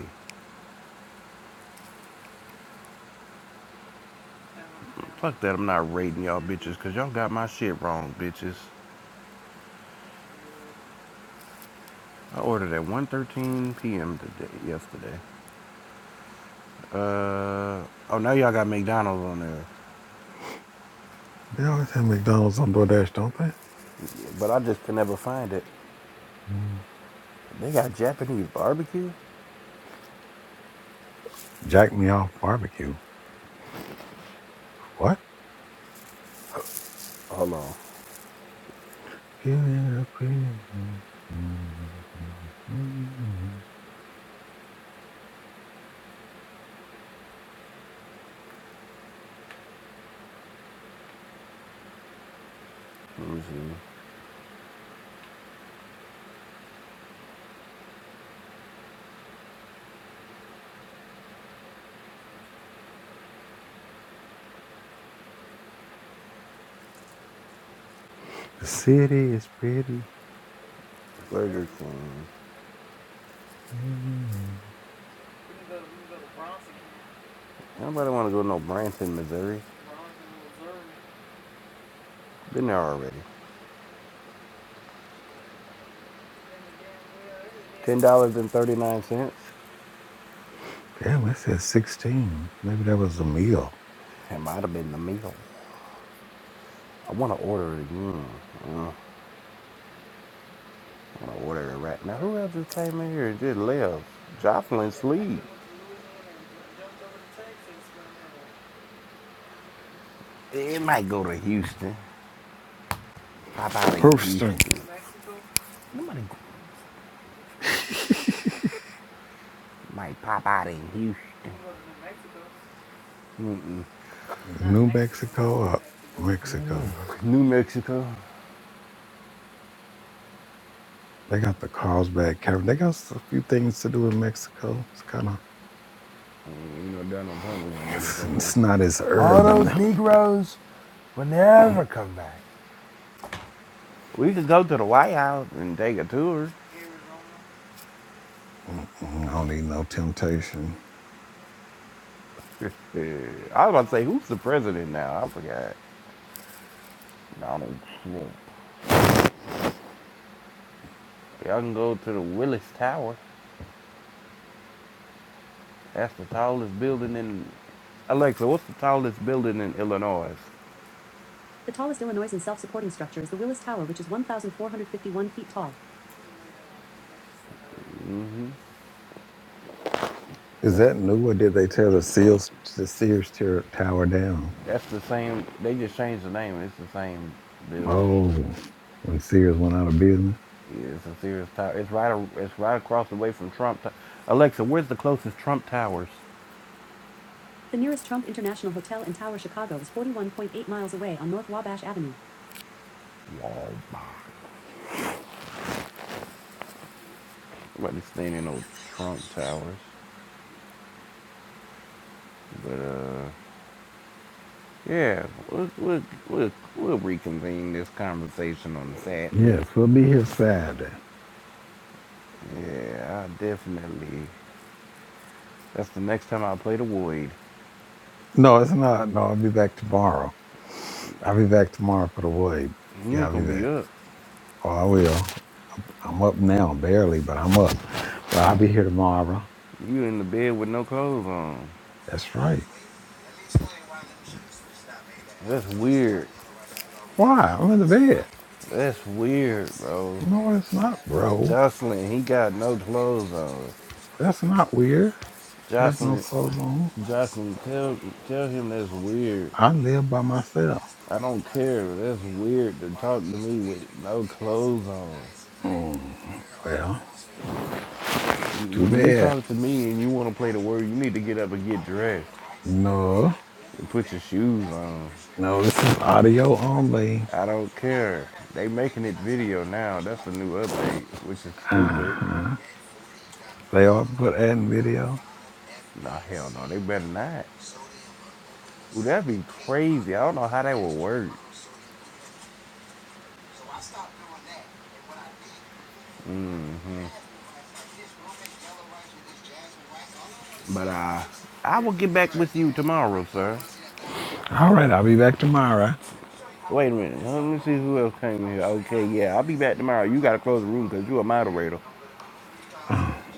Fuck that, I'm not rating y'all bitches because y'all got my shit wrong, bitches. I ordered at 1.13 p.m. today, yesterday. Uh, oh, now y'all got McDonald's on there.
They always have McDonald's on DoorDash, don't they?
But I just could never find it.
Mm.
They got Japanese barbecue?
Jack me off barbecue. What?
Hold on.
Killing the pretty. Mm.
Let me see.
The city is pretty.
Burger King.
Mm.
Nobody want to go to no Branson, Missouri. Been there already. $10.39.
Damn, it says 16. Maybe that was a meal.
It might have been the meal. I want to order it again. I want to order it right now. Who else just came in here and just left? Jocelyn sleep. It might go to Houston. Pop out in
Houston.
Houston. Nobody
*laughs*
might pop out in Houston.
New Mexico or Mexico.
*laughs* New Mexico.
They got the Carlsbad Cavern. They got s- a few things to do in Mexico. It's kind of,
Mm, You know, Donald Trump was gonna do the
it's,
paper.
it's not as
All
urban.
those Negroes will never come back. We could go to the White House and take a tour.
Mm-mm, I don't need no temptation.
*laughs* I was about to say, who's the president now? I forgot. Donald Trump. Y'all can go to the Willis Tower. That's the tallest building in. Alexa, what's the tallest building in Illinois? The tallest Illinoisan self-supporting structure is the Willis Tower, which is 1,451 feet tall.
Is
That's
that new or did they tear the Sears, the Sears ter- Tower down?
that's the same. They just changed the name. It's the same building.
Oh, when Sears went out of business?
Yeah, it's a serious tower. It's right. It's right across the way from Trump. Alexa, where's the closest Trump Towers? The nearest Trump International Hotel and Tower Chicago is 41.8 miles away on North Wabash Avenue. Wabash. I'm about to stay in no Trump towers. But uh yeah, we'll, we'll, we'll, we'll reconvene this conversation on Saturday.
Yes, we'll be here Saturday.
Yeah, I definitely. That's the next time I play the Void.
No, it's not. No, I'll be back tomorrow. I'll be back tomorrow for the wave.
You
Yeah,
ain't
I'll be
gonna be
back.
up.
Oh, I will. I'm up now, barely, but I'm up. But I'll be here tomorrow.
You in the bed with no clothes on.
That's right.
That's weird.
Why? I'm in the bed.
That's weird, bro.
No, it's not, bro.
Jocelyn, he got no clothes on.
That's not weird. To have no
Jocelyn,
clothes on.
Jocelyn, tell tell him that's weird.
I live by myself.
I don't care. That's weird to talk to me with no clothes on.
Mm, well, too
When you
bad.
talk to me and you want to play the word, you need to get up and get dressed
No,
and put your shoes on.
no, this is audio only.
I don't care. They making it video now. That's the new update, which is stupid.
Uh-huh. They all put ad and video.
No, hell no. They better not. Ooh, that'd be crazy. I don't know how that would work. But uh, I will get back with you tomorrow, sir.
All right, I'll be back tomorrow.
Wait a minute. Let me see who else came here. Okay, yeah, I'll be back tomorrow. You gotta close the room because you're a moderator.
Uh.